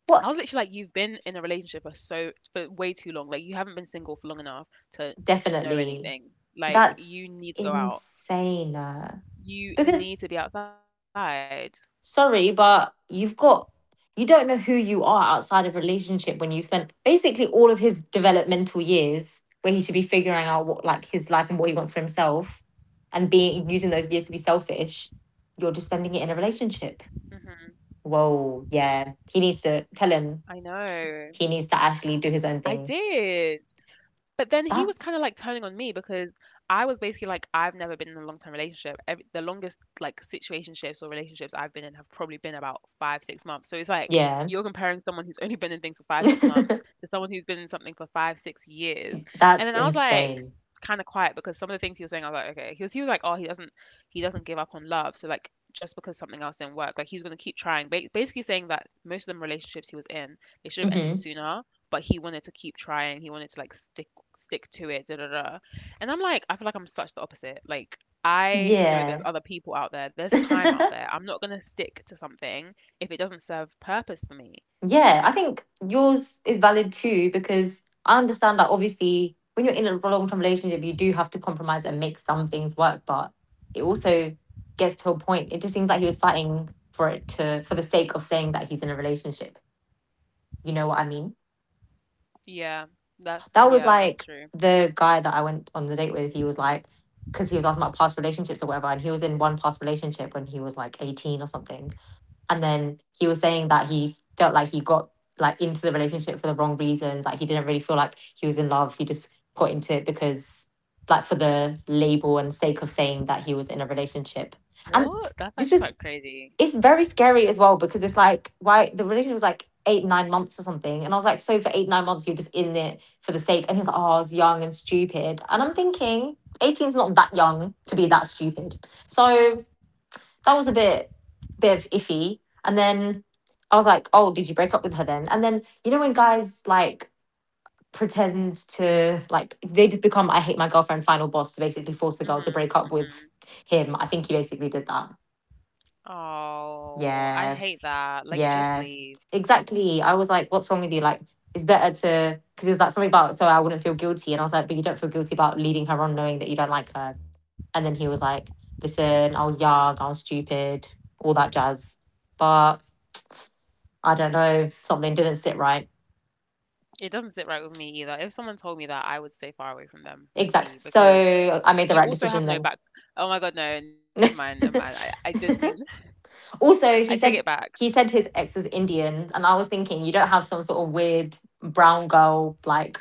I was What? literally like, you've been in a relationship for way too long, like you haven't been single for long enough to know Definitely. anything. Like That's you need to go out, insane. You Because need to be outside. sorry, but you don't know who you are outside of relationship when you spent basically all of his developmental years where he should be figuring out what like his life and what he wants for himself and being using those years to be selfish, you're just spending it in a Hmm. relationship. Whoa, yeah. He I needs to tell him know. he needs to I actually do his own did. thing. But then he was kind of like turning on That's me because I was basically like, I've never been in a long term relationship. Every, the longest like situationships or relationships I've been in have probably been about five, 6 months. So it's like yeah. you're comparing someone who's only been in things for five, 6 months to someone who's been in something for five, 6 years. And That's then I was like, insane. kind of quiet because some of the things he was saying, I was like, okay. He was, he was like, oh, he doesn't give up on love. So like just because something else didn't work, like he's gonna keep trying. Basically saying that most of the relationships he was in, they should have ended Hmm. sooner, but he wanted to keep trying. He wanted to like stick to it. Da da da. And I'm like, I feel like I'm such the opposite. Like I know there's Yeah. other people out there. There's time out there. I'm not gonna stick to something if it doesn't serve purpose for me. Yeah, I think yours is valid too because I understand that obviously when you're in a long term relationship, you do have to compromise and make some things work, but it also gets to a point. It just seems like he was fighting for it to for the sake of saying that he's in a relationship. You know what I mean? Yeah, that's, That was yeah, that's like true. the guy that I went on the date with. He was like, because he was asking about past relationships or whatever, and he was in one past relationship when he was like 18 or something. And then he was saying that he felt like he got like into the relationship for the wrong reasons. Like he didn't really feel like he was in love. He just got into it because like for the label and sake of saying that he was in a relationship. And What? That's this actually is quite crazy. it's very scary as well because it's like why the relationship was like 8, 9 months or something. And I was like, so for 8, 9 months, you're just in it for the sake. And he's like, oh, I was young and stupid. And I'm thinking, 18 is not that young to be that stupid. So that was a bit bit of iffy. And then I was like, oh, did you break up with her then? And then you know when guys like pretend to like they just become I hate my girlfriend final boss to basically force the girl to Mhm. break up with Mhm. him. I think he basically did that. Oh, I Yeah, hate that. Like, just yeah, leave. exactly. I was like, what's wrong with you? Like, it's better to because it was like something about so I wouldn't feel guilty, and I was like, but you don't feel guilty about leading her on knowing that you don't like her. And then he was like, listen, I was young, I was stupid, all that jazz. But I don't know, something didn't sit right. It doesn't sit right with me either. If someone told me that, I would stay far away from them, low Exactly. key, because. So I made the You right also have no decision back. Oh my god, no, never mind, then. never mind. I didn't mean. I Also, take it back. he said his ex was Indian, and I was thinking, you don't have some sort of weird brown girl like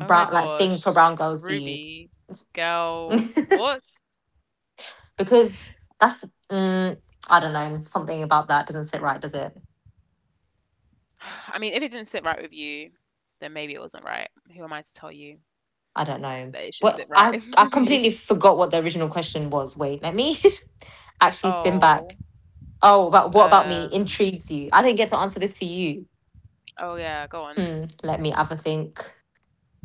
Oh my like thing for gosh, brown girls, do you? Ruby, girl, what? Because mm, I don't know, something about that doesn't sit right, does it? I mean, if it didn't sit right with you, then maybe it wasn't right. Who am I to tell you I don't know. that it should sit Well, right I I with you? completely forgot what the original question was. Wait, let me actually spin Oh, back. Oh, about what about me um, intrigues you? I didn't get to answer this for you. oh yeah, go on. Hmm. Let me have a think.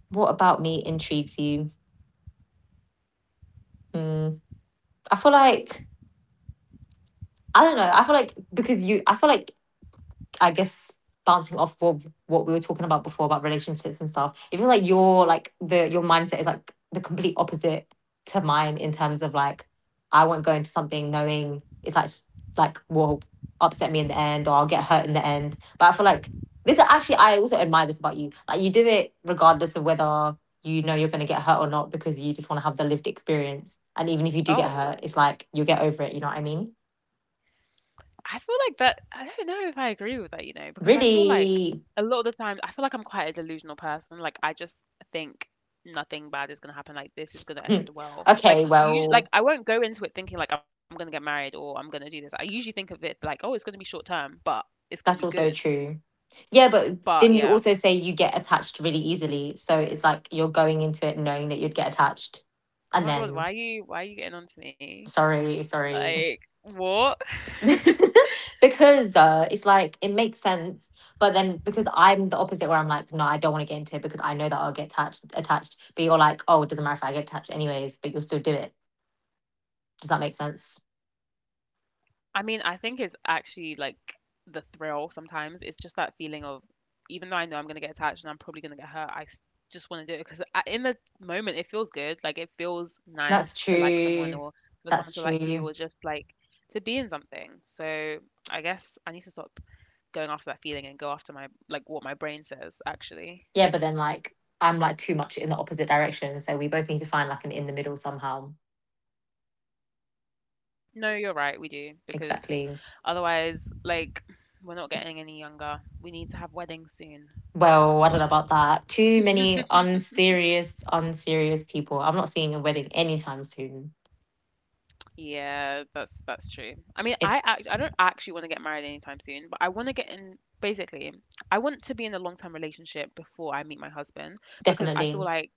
What about me intrigues you? Hmm. I feel like I don't know. I feel like because you, I feel like I guess bouncing off what we were talking about before about relationships and stuff. It feels like your like the your mindset is like the complete opposite to mine in terms of like I won't go into something knowing it's like will upset me in the end or I'll get hurt in the end. But I feel like this actually I also admire this about you. Like you do it regardless of whether you know you're going to get hurt or not because you just want to have the lived experience. And even if you do get hurt, Oh. it's like you'll get over it. You know what I mean? I feel like that, I don't know if I agree with that, you know, because I feel like Really. a lot of the times I feel like I'm quite a delusional person. Like I just think nothing bad is gonna happen. Like this is gonna end well. Like Okay. you, like Well, I won't go into it thinking like I'm gonna get married or I'm gonna do this. I usually think of it like, oh, it's gonna be short term, but it's gonna be that's good. also true. Yeah, but But didn't you yeah. also say you get attached really easily? So it's like you're going into it knowing that you'd get attached. And Oh my God, then, why are you getting on to me? sorry, sorry. Like what? Because it's like, it makes sense. But then because I'm the opposite where I'm like, no, I don't want to get into it because I know that I'll get attached. But you're like, oh, it doesn't matter if I get attached anyways, but you'll still do it. Does that make sense? I mean, I think it's actually like the thrill sometimes. It's just that feeling of, even though I know I'm going to get attached and I'm probably going to get hurt, I just want to do it because in the moment it feels good. Like it feels nice to That's like someone, or true. for someone to That's like you, or true. just like to be in something. So I guess I need to stop going after that feeling and go after my, like what my brain says actually. Yeah, but then like I'm like too much in the opposite direction. So we both need to find like an in the middle somehow. No, you're right, we do, because Exactly. otherwise, like, we're not getting any younger. We need to have weddings soon. Well, I don't know about that. Too many unserious people. I'm not seeing a wedding anytime soon. Yeah, that's true. I mean, It's I act, I don't actually want to get married anytime soon, but I want to get in, basically I want to be in a long-term relationship before I meet my husband, because I feel definitely. like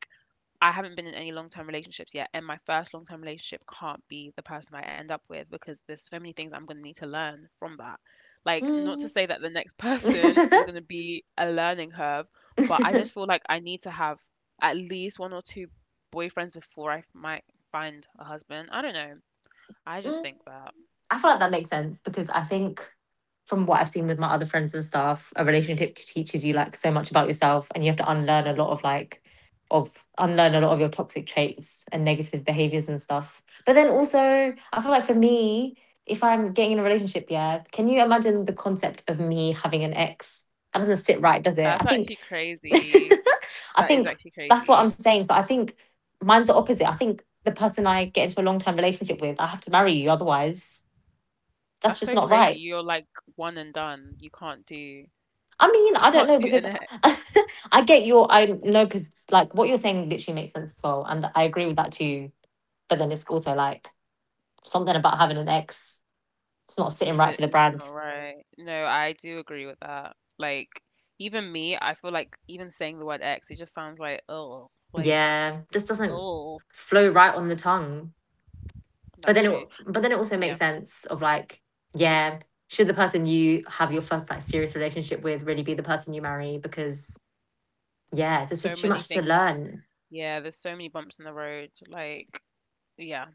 I haven't been in any long-term relationships yet, and my first long-term relationship can't be the person I end up with, because there's so many things I'm going to need to learn from that. Like not to Mm. say that the next person is going to be a learning curve, but I just feel like I need to have at least one or two boyfriends before I might find a husband. I don't know. I just Mm. think that. I feel like that makes sense because I think from what I've seen with my other friends and stuff, a relationship teaches you like so much about yourself and you have to unlearn a lot Hmm. of like of unlearn a lot of your toxic traits and negative behaviors and stuff. But then also, I feel like for me, if I'm getting in a relationship, yeah, can you imagine the concept of me having an ex? That doesn't sit right, does it? I That's think actually crazy. I That is think actually that's what I'm crazy. saying. So I think mine's the opposite. I think the person I get into a long term relationship with, I have to marry you, otherwise That's that's so just not crazy. right. You're like one and done. You can't do, I mean, I don't know because an I get your I know because like what you're saying literally makes sense as well, and I agree with that too. But then it's also like something about having an ex. It's not sitting right that for the is not brand. right. No, I do agree with that. Like even me, I feel like even saying the word ex, it just sounds like Yeah, just doesn't oh, flow right on the tongue. But that's then true. It also Yeah. makes sense of like yeah, should the person you have your first like serious relationship with really be the person you marry? Because yeah, there's So just too many much to things. learn. Yeah, there's so many bumps in the road. Like yeah,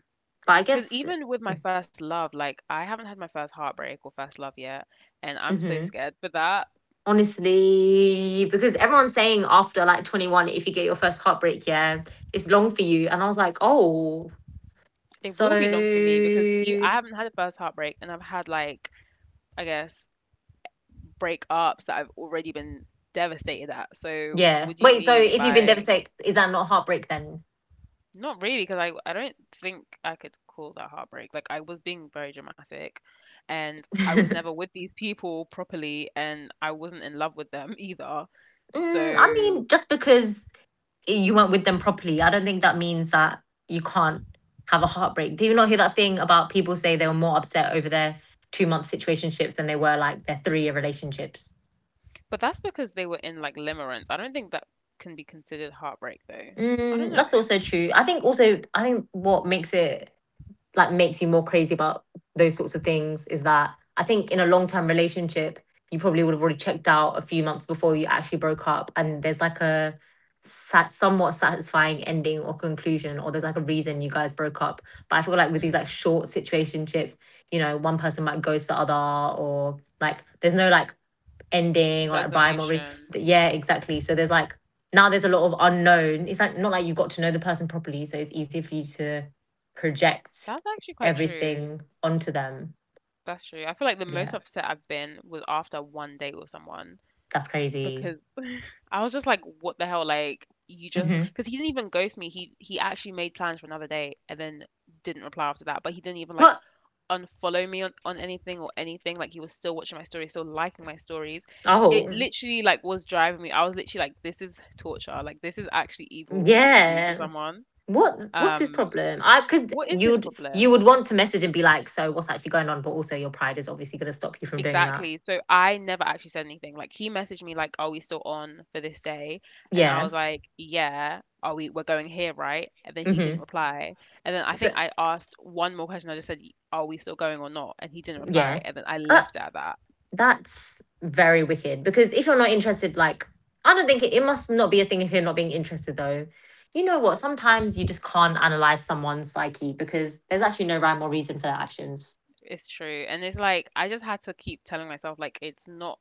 But I because guess even with my first love, like I haven't had my first heartbreak or first love yet, and I'm so hmm scared for that. honestly, because everyone's saying after like 21, if you get your first heartbreak, yeah, it's long for you. And I was like, oh, It so will be long for me, because you, I haven't had a first heartbreak, and I've had like, I guess, breakups that I've already been devastated at. So yeah. what do you Wait, so mean if you've been by devastated, is that not heartbreak then? not really? Because I don't think I could call that heartbreak. Like I was being very dramatic, and I was mm, never with these people properly, and I wasn't in love with them either. I So. mean, just because you weren't with them properly, I don't think that means that you can't have a heartbreak. Do you not hear that thing about people say they were more upset over their 2 month situationships than they were like their 3 year relationships? But that's because they were in like limerence. I don't think that can be considered heartbreak though. I don't That's also know. true. I think also I think what makes it like makes you more crazy about those sorts of things is that I think in a long term relationship you probably would have already checked out a few months before you actually broke up, and there's like a somewhat satisfying ending or conclusion, or there's like a reason you guys broke up. But I feel like with these like Mm, short situationships, you know, one person might ghost the other, or like there's no like ending or like rhyme or resolution. yeah, exactly, so there's like now there's a lot of unknown. It's like not like you got to know the person properly, so it's easier for you to project That's actually quite true. everything onto them. That's true. I feel like the most Yeah, upset I've been was after one date with someone, that's crazy. because I was just like, what the hell? Like you just, hmm because he didn't even ghost me. He actually made plans for another day and then didn't reply after that. But he didn't even like what unfollow me on anything or anything. Like he was still watching my stories, still liking my stories. It Oh literally like was driving me, I was literally like, this is torture, like this is actually evil to do to yeah, someone. what's his Um, problem? I because what is his you'd you problem? would want to message and be like, so what's actually going on? But also your pride is obviously going to stop you from doing that. Exactly, so I never actually said anything. Like he messaged me like, are we still on for this day? And I Yeah. was like, yeah, are we we're going here, right? And then he didn't Hmm. reply. And then I So think I asked one more question. I just said, are we still going or not? And he didn't reply, yeah. and then I uh, left it at that. That's very wicked because if you're not interested, like, I don't think it must not be a thing if you're not being interested, though. You know what? Sometimes you just can't analyze someone's psyche because there's actually no rhyme or reason for their actions. It's true. And it's like I just had to keep telling myself like it's not,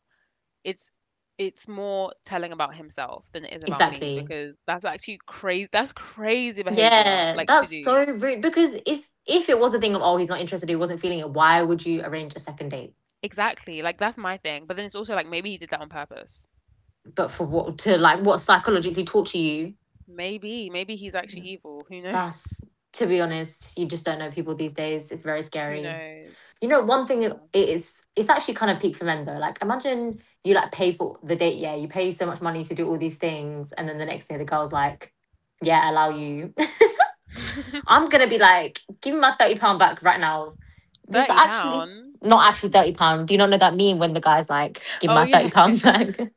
it's, it's more telling about himself than it is about me, Exactly. because that's actually crazy, that's crazy behavior Yeah, like to that's do. so rude because if it was a thing of oh he's not interested, he wasn't feeling it, why would you arrange a second date? Exactly. Like that's my thing. But then it's also like maybe he did that on purpose. But for what, to like what, psychologically torture you? Maybe, he's actually evil. Who knows? That's to be honest, you just don't know people these days. It's very Who scary. knows? You know, one thing Yeah. it is, it's actually kind of peak for men though. Like, imagine you like pay for the date, yeah, you pay so much money to do all these things, and then the next day the girl's like, yeah, allow you. I'm gonna be like, give me my £30 back right now. This 30 actually pound. not actually £30. Do you not know that meme when the guy's like, give me Oh my yeah, thirty yeah. pound back?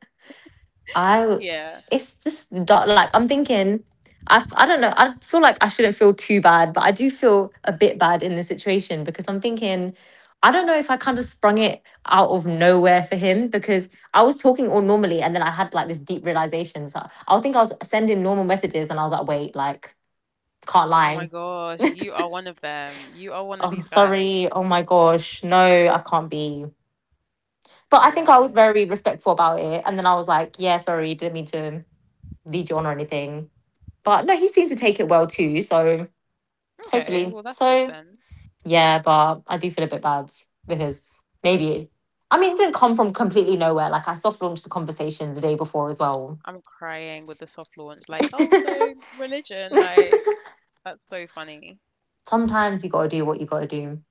I Yeah. it's just dark. Like I'm thinking, I don't know. I feel like I shouldn't feel too bad, but I do feel a bit bad in this situation because I'm thinking, I don't know if I kind of sprung it out of nowhere for him because I was talking all normally and then I had like this deep realization. So I think I was sending normal messages and I was like, wait, like can't Oh my lie. gosh, you are one of them. You are one of I'm these guys. sorry. Oh my gosh, no, I can't be. But I You think are I was though. very respectful about it, and then I was like, yeah, sorry, didn't mean to lead you on or anything. But no, he seems to take it well too. So Okay, hopefully, well that's good so then. yeah. But I do feel a bit bad because maybe I mean it didn't come from completely nowhere. Like I soft launched the conversation the day before as well. I'm crying with the soft launch. Like, oh, so religion, like, that's so funny. Sometimes you got to do what you got to do.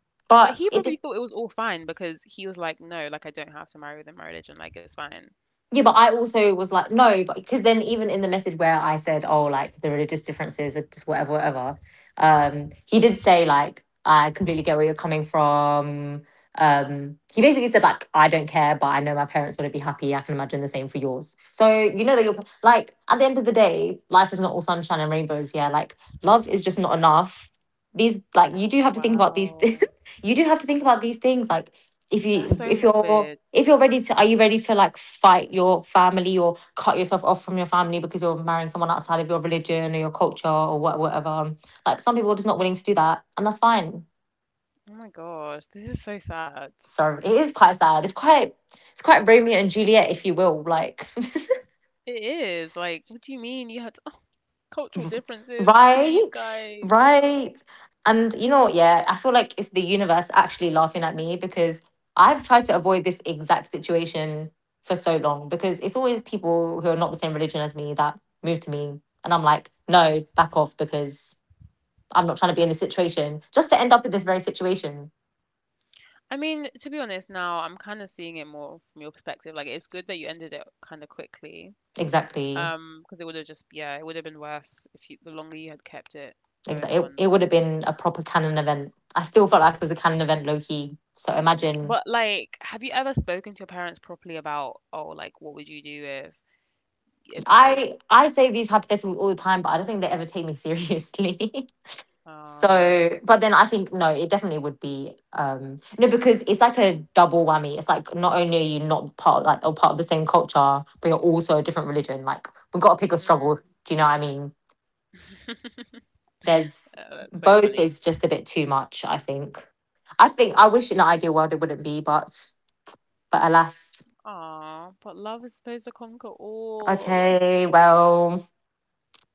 But But he probably it thought it was all fine, because he was like, no, like, I don't have to marry within my religion. Like, it's fine. Yeah, but I also was like, no, but because then even in the message where I said, oh, like the religious differences are just whatever, whatever, he did say like, I completely get where you're coming from. He basically said like, I don't care, but I know my parents want to be happy. I can imagine the same for yours. So you know that you're like, at the end of the day, life is not all sunshine and rainbows. Yeah, like love is just not enough. These like you do have to think about these. Wow. You do have to think about these things. Like if That's so you if morbid. you're if you're ready to are you ready to like fight your family or cut yourself off from your family because you're marrying someone outside of your religion or your culture or whatever, like some people are just not willing to do that and that's fine. Oh my gosh. This is so sad. So it is quite sad. It's quite Romeo and Juliet, if you will, like It is. Like, what do you mean you had cultural differences? Please, right, guys. Right. And you know what? Yeah, I feel like it's the universe actually laughing at me because I've tried to avoid this exact situation for so long because it's always people who are not the same religion as me that move to me. And I'm like, no, back off because I'm not trying to be in this situation just to end up in this very situation. I mean, to be honest, now I'm kind of seeing it more from your perspective. Like, it's good that you ended it kind of quickly. Exactly. Because it would have just yeah, it would have been worse if you, the longer you had kept it going Exactly. It, on. it would have been a proper canon event. I still felt like it was a canon event low key. So imagine But like, have you ever spoken to your parents properly about oh like what would you do if if I? I say these hypotheticals all the time, but I don't think they ever take me seriously. Oh, But then I think no, it definitely would be no because it's like a double whammy. It's like not only are you not part of, like or part of the same culture, but you're also a different religion. Like we've got to pick a hmm. struggle. Do you know what I mean? There's That's so both funny. is just a bit too much, I think. I think I wish in an ideal world it wouldn't be, but alas. Aw, but love is supposed to conquer all. Okay, well,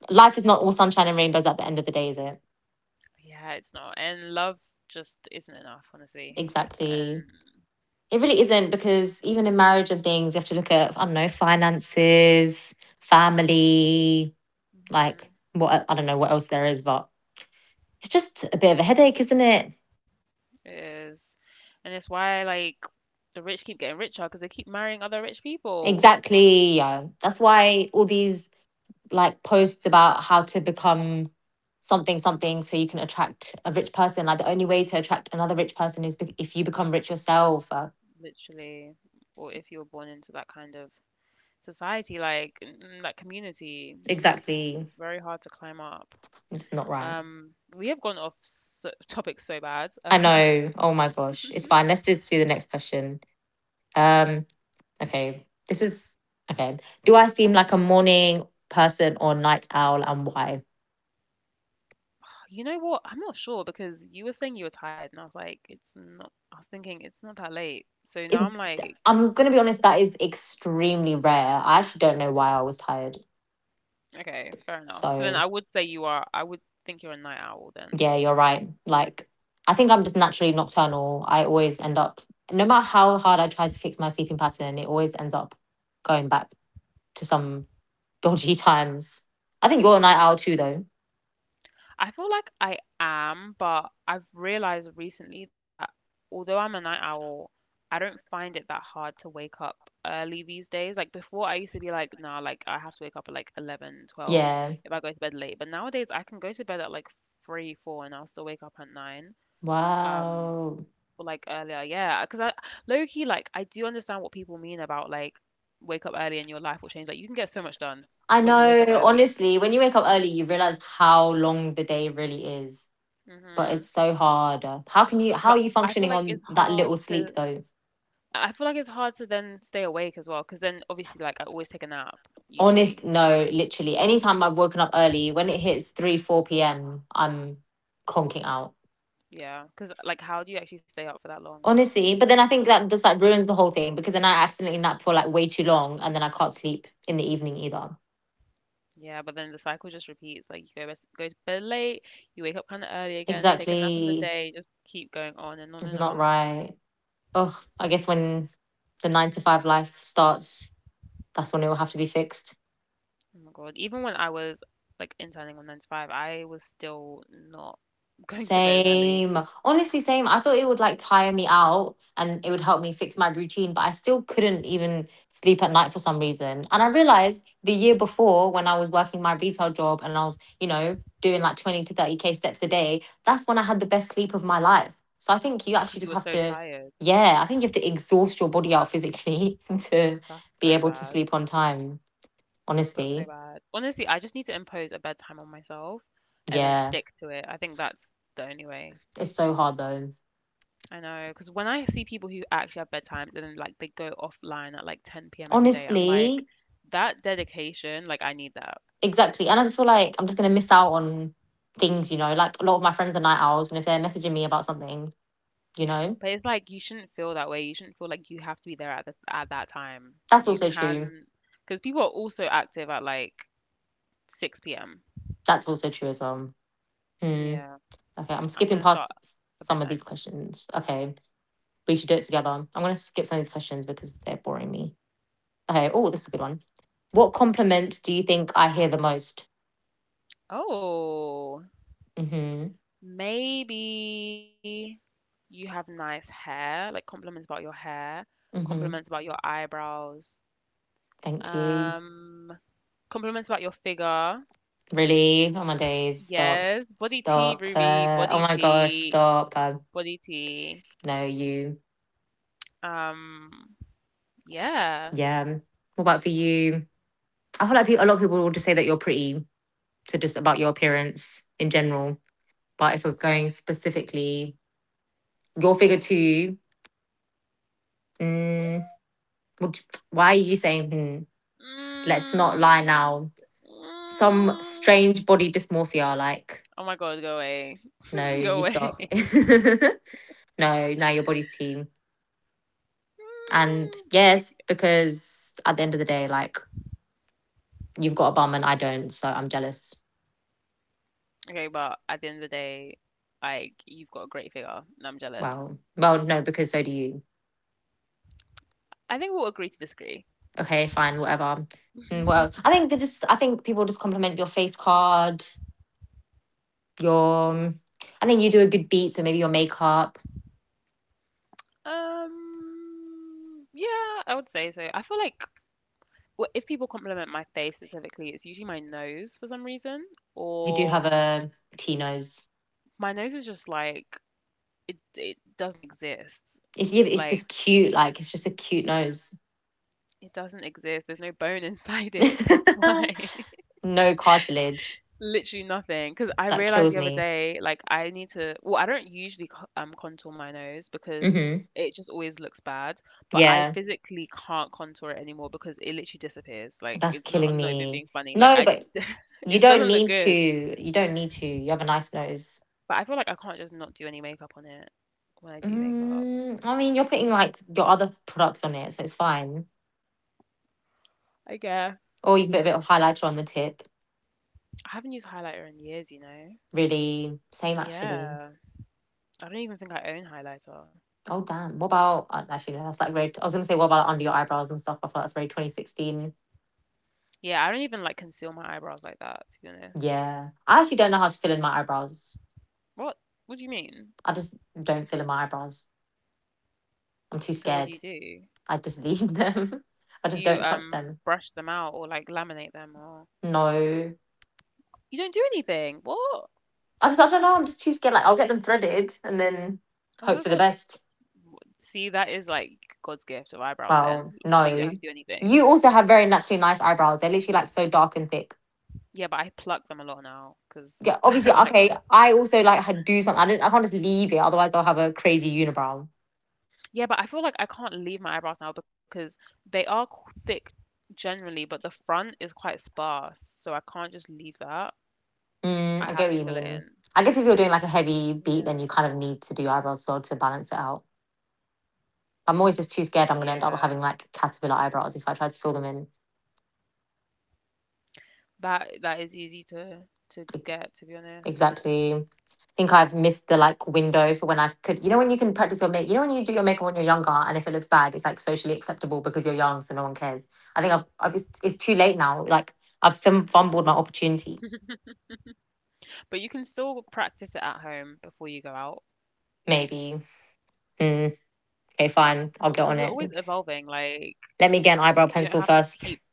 life is not all sunshine and rainbows at the end of the day, is it? Yeah, it's not, and love just isn't enough, honestly. And Exactly. It really isn't, because even in marriage and things, you have to look at, I don't know, finances, family, like mhm, what, I don't know what else there is, but it's just a bit of a headache, isn't it? it is, and it's why like the rich keep getting richer because they keep marrying other rich people. Exactly. Yeah, that's why all these like posts about how to become something something so you can attract a rich person. Like the only way to attract another rich person is if you become rich yourself. Literally, or if you were born into that kind of society, like in that community, it's, Exactly. it's very hard to climb up. It's not right. Um, we have gone off so, topic so bad. I know. Oh my gosh. It's fine. Let's just do the next question. Um, Okay. This is okay. Do I seem like a morning person or night owl and why? You know what? I'm not sure because you were saying you were tired, and I was like, it's not. I was thinking it's not that late. So now It, I'm like, I'm going to be honest, that is extremely rare. I actually don't know why I was tired. okay, fair enough. So then So, I would say you are. I would think you're a night owl then. yeah, you're right. Like, I think I'm just naturally nocturnal. I always end up, no matter how hard I try to fix my sleeping pattern, it always ends up going back to some dodgy times. I think you're a night Hmm. owl too, though. I feel like I am, but I've realized recently that although I'm a night owl, I don't find it that hard to wake up early these days. Like before, I used to be like, nah, like I have to wake up at like 11, 12 Yeah. if I go to bed late. But nowadays, I can go to bed at like 3, 4 and I'll still wake up at 9. Um, Wow. or like earlier, yeah. Because I low key, like, I do understand what people mean about like wake up early and your life will change. Like, you can get so much done I when you wake up know, early. honestly, when you wake up early, you realize how long the day really is. But it's Hmm. so hard. How But are you I feel functioning like it's on that hard little to sleep though? I feel like it's hard to then stay awake as well, because then obviously, like, I always take a nap Honest, usually. no, literally. Anytime I've woken up early, when it hits 3, 4 p.m., I'm conking out. Yeah, because like, how do you actually stay up for that long? Like, Honestly. But then I think um, that just like ruins the whole thing because then I accidentally nap for like way too long and then I can't sleep in the evening either. yeah, but then the cycle just repeats. Like, you go to bed late, you wake up kind of early again, take a nap in the Exactly. day, just keep going on and on It's and not on. right. Oh, I guess when the nine to five life starts, that's when it will have to be fixed. Oh my God! Even when I was like interning on nine to five, I was still not going to bed early Same. Honestly, same. I thought it would like tire me out and it would help me fix my routine, but I still couldn't even sleep at night for some reason. And I realized the year before when I was working my retail job and I was, you know, doing like 20 to 30K steps a day, that's when I had the best sleep of my life. So I think you because actually you just were have so to, tired. yeah, I think you have to exhaust your body out physically to That's be so able to bad. sleep on time. That's so Honestly, bad. Honestly, I just need to impose a bedtime on myself and then yeah, stick to it. I think that's the only way. it's so hard though. I know, because when I see people who actually have bedtimes and then like they go offline at like 10 p.m. every day, I'm like, Honestly, that dedication, like I need that. exactly. And I just feel like I'm just going to miss out on things, you know, like a lot of my friends are night owls. And if they're messaging me about something, you know, But it's like you shouldn't feel that way. You shouldn't feel like you have to be there at at that time. that's You also true. can, because people are also active at like 6 p.m. That's also true as well. Hmm. Yeah, Okay. I'm I'm skipping gonna past start a some of these bedtime. questions. Okay. We should do it together. I'm going to skip some of these questions because they're boring me. Okay. Oh, this is a good one. What compliment do you think I hear the most? Oh. Mm hmm. Maybe you have nice hair, like compliments about your hair, Mm compliments hmm. about your eyebrows, Thank you. um, compliments about your figure. Really? Oh my days. Stop. Yes, body tea, Stop. Ruby, Oh body my gosh. tea, Stop. Body tea. No, you. Um, yeah. Yeah. What about for you? I feel like a lot of people will just say that you're pretty, so just about your appearance in general. But if we're going specifically, your figure too. Mm, would, why are you saying? Hmm, let's not lie Mm, now. Some mm, strange body dysmorphia, like oh my God, go away, no, go you away. stop. No, now your body's team. And Mm. yes, because at the end of the day, like you've got a bum and I don't, so I'm jealous. Okay, but at the end of the day, like you've got a great figure, and I'm jealous. Well, no, because so do you. I think we'll agree to disagree. Okay, fine, whatever. And what else? I think people just compliment your face card, your I think you do a good beat, so maybe your makeup. Yeah, I would say so. I feel like if people compliment my face specifically, it's usually my nose for some reason, You do or have a T nose. my nose is just like it doesn't exist. It's, yeah, it's Like just cute, like it's just a cute nose. it doesn't exist. There's no bone inside it. That's why. No cartilage. Literally nothing. Because I That realized kills the other me. day, like, I need to. Well, I don't usually contour my nose because Mm-hmm. it just always looks bad. But I Yeah, physically can't contour it anymore because it literally disappears. Like, that's it's not. killing I'm not even me. being funny. Like, No, I. but you It don't doesn't look need to. good. You don't need to. You have a nice nose. But I feel like I can't just not do any makeup on it when I do makeup. Mm, I mean, you're putting like your other products on it, so it's fine. Like, yeah. Or you can put a bit of highlighter on the tip. I haven't used highlighter in years, you know? Really, same actually. Yeah. I don't even think I own highlighter. Oh damn! What about actually? No, that's like very. I was gonna say what about under your eyebrows and stuff. I feel like that's very 2016. Yeah, I don't even like conceal my eyebrows like that, to be honest. Yeah, I actually don't know how to fill in my eyebrows. What? What do you mean? I just don't fill in my eyebrows. I'm too So what do scared. you do? I just leave them. I Do just you don't touch them. brush them out or like laminate them or No, you don't do anything? What? I don't know. I'm just too scared. Like I'll get them threaded and then Oh hope for my the God. best. See, that is like God's gift of eyebrows Well, then. no. But you don't have to do You anything. also have very naturally nice eyebrows. They're literally like so dark and thick. Yeah, but I pluck them a lot now Yeah, because obviously, I don't okay, like them. I also like had do something. I didn't. I can't just leave it, otherwise I'll have a crazy unibrow. Yeah, but I feel like I can't leave my eyebrows now because they are thick generally, but the front is quite sparse. So I can't just leave that. Mm, I I have get what to you fill it mean. in. I guess if you're doing like a heavy beat, then Yeah. you kind of need to do eyebrows as well to balance it out. I'm always just too scared I'm going to end up having Yeah. like caterpillar eyebrows if I try to fill them in. That is easy to E- get, to be honest. Exactly. I think I've missed the like window for when I could. You know when you can practice your make. You know when you do your makeup when you're younger, and if it looks bad, it's like socially acceptable because you're young, so no one cares. I think I've just, it's too late now. Like I've fumbled my opportunity. But you can still practice it at home before you go out Maybe. Mm. Okay, fine, I'll get on because we're always it. evolving. Like Let me get an eyebrow you don't pencil have to first. keep,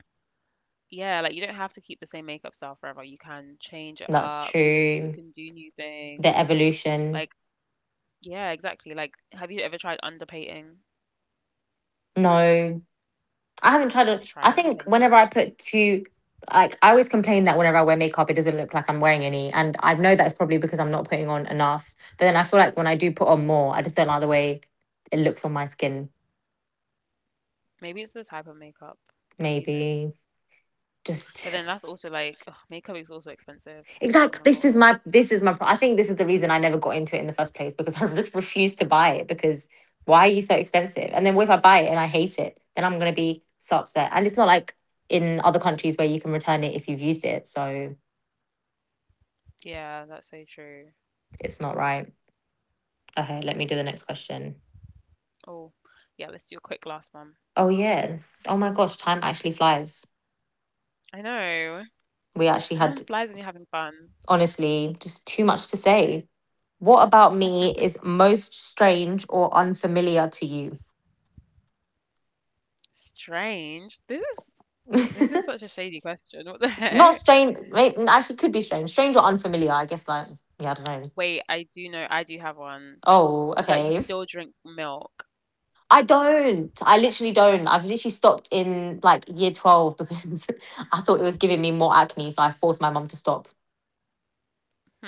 yeah, like you don't have to keep the same makeup style forever. You can change it That's up. You true. can do new The things. evolution. Like yeah, exactly. Like have you ever tried underpainting? No, I haven't tried it. Try I think underpainting. whenever I put two, like, I always complain that whenever I wear makeup, it doesn't look like I'm wearing any. And I know that's probably because I'm not putting on enough. But then I feel like when I do put on more, I just don't like the way it looks on my skin. Maybe it's the type of makeup you're using. Maybe But just then that's also like ugh, makeup is also expensive. Like oh exactly. my God. This is my I think this is the reason I never got into it in the first place because I just refused to buy it because why are you so expensive? And then what if I buy it and I hate it? Then I'm gonna be so upset. And it's not like in other countries where you can return it if you've used it. So Yeah, that's so true. it's not right. Okay, let me do the next question. Oh, yeah, let's do a quick last one. Oh yeah. Oh my gosh, time actually flies. I know. We actually Time had flies when you're having fun. honestly just too much to say. What about me is most strange or unfamiliar to you? Strange. This is such a shady question. What the heck? Not strange. Maybe, actually, could be strange. Strange or unfamiliar. I guess like yeah, I don't know. Wait, I do know. I do have one. Oh, That you okay. still drink milk. I don't. I literally don't. I've literally stopped in like year 12 because I thought it was giving me more acne, so I forced my mum to stop.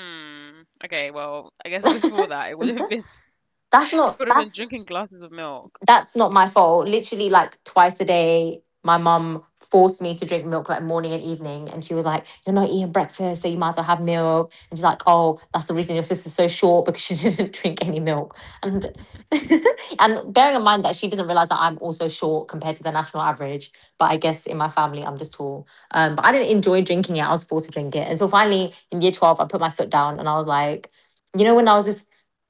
Hmm. Okay, well, I guess before that it would that's have been not. it would have been That's drinking glasses of milk. that's not my fault. Literally, like twice a day, my mum forced me to drink milk like morning and evening. And she was like, "You're not eating breakfast, so you might as well have milk." And she's like, "Oh, that's the reason your sister's so short because she didn't drink any milk." And and bearing in mind that she doesn't realize that I'm also short compared to the national average, but I guess in my family I'm just tall. But I didn't enjoy drinking it. I was forced to drink it. And so finally in year 12, I put my foot down and I was like, you know, when I was this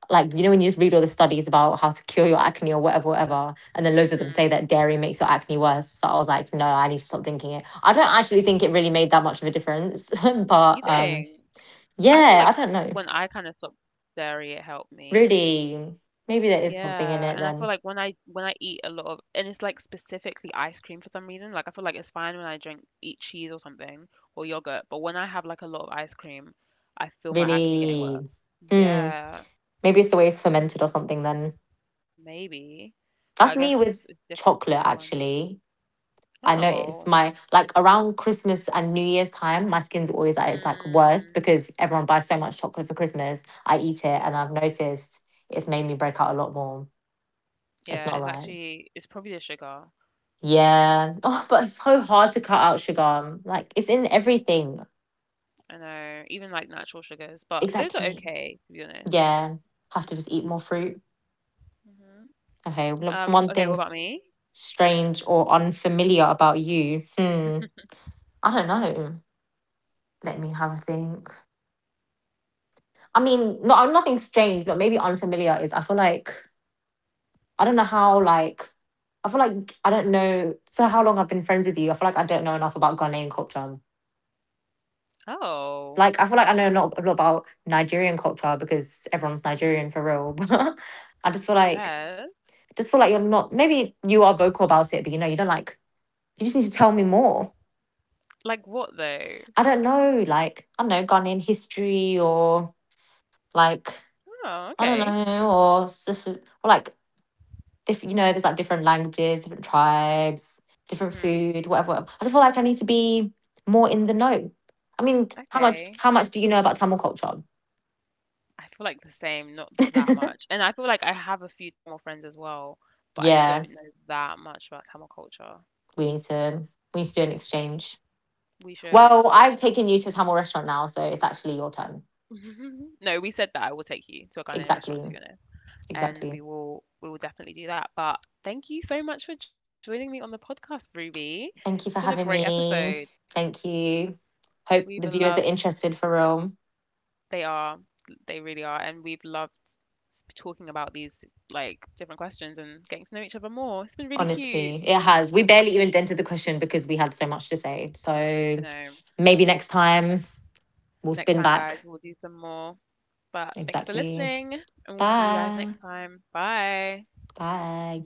like you know when you just read all the studies about how to cure your acne or whatever whatever and then loads of them say Hmm. that dairy makes your acne worse, so I was like no I need to stop drinking it. I don't actually think it really made that much of a difference but You think? I feel yeah I like when don't I know. kind of stopped dairy, it helped me. Really, maybe there is something Yeah, in and I it feel like then. when I eat a lot of and it's like specifically ice cream for some reason. Like I feel like it's fine when I drink eat cheese or something or yogurt, but when I have like a lot of ice cream, I feel my acne getting worse. Really. Hmm, Yeah, maybe it's the way it's fermented or something then. maybe. But I That's me guess it's with it's different for chocolate everyone. actually. I notice Oh. my like around Christmas and New Year's time, my skin's always at its like worst Mm, because everyone buys so much chocolate for Christmas. I eat it and I've yeah. noticed it's made me break out a lot more. It's Yeah, not it's right. actually it's probably the sugar. Yeah. Oh, but it's so hard to cut out sugar. Like it's in everything. I know, even like natural sugars, but those are Exactly. okay to be honest. Yeah. Have to just eat more fruit. Hmm. Okay. What's one Okay, thing what about me? strange or unfamiliar about you? Hmm. I don't know. Let me have a think. I mean, no, nothing strange, but maybe unfamiliar is I feel like I don't know how like I feel like I don't know for how long I've been friends with you. I feel like I don't know enough about Ghanaian culture. Oh, Like I feel like I know not a lot about Nigerian culture because everyone's Nigerian for real. But I fair. just feel like you're not maybe you are vocal about it, but you know, you don't like you just need to tell me more. Like what though? I don't know, like, I don't know, Ghanaian history or like Oh, I don't okay. know, or just or like different, you know there's like different languages, different tribes, different Hmm. food, whatever, whatever. I just feel like I need to be more in the know. I mean how Okay. much do you know about Tamil culture? I feel like the same, not that much. And I feel like I have a few Tamil friends as well, but I Yeah, don't know that much about Tamil culture. we need to we need to do an exchange. We should. Well I've taken you to a Tamil restaurant now so it's actually your turn. No, we said that I will take you to a Ghanaian exactly restaurant if you know, and exactly. We will definitely do that. But thank you so much for joining me on the podcast, Ruby. It's been a Thank you for great having episode. me. Thank you. Hope We've the viewers are loved interested for real. They are. They really are. And we've loved talking about these like different questions and getting to know each other more. It's been really cute. Honestly, it has. We barely even dented the question because we had so much to say. I So know. maybe next time we'll Next spin time, back. guys, we'll do some more. But thanks for Exactly. listening, and we'll see you guys Bye. next time. Bye. Bye.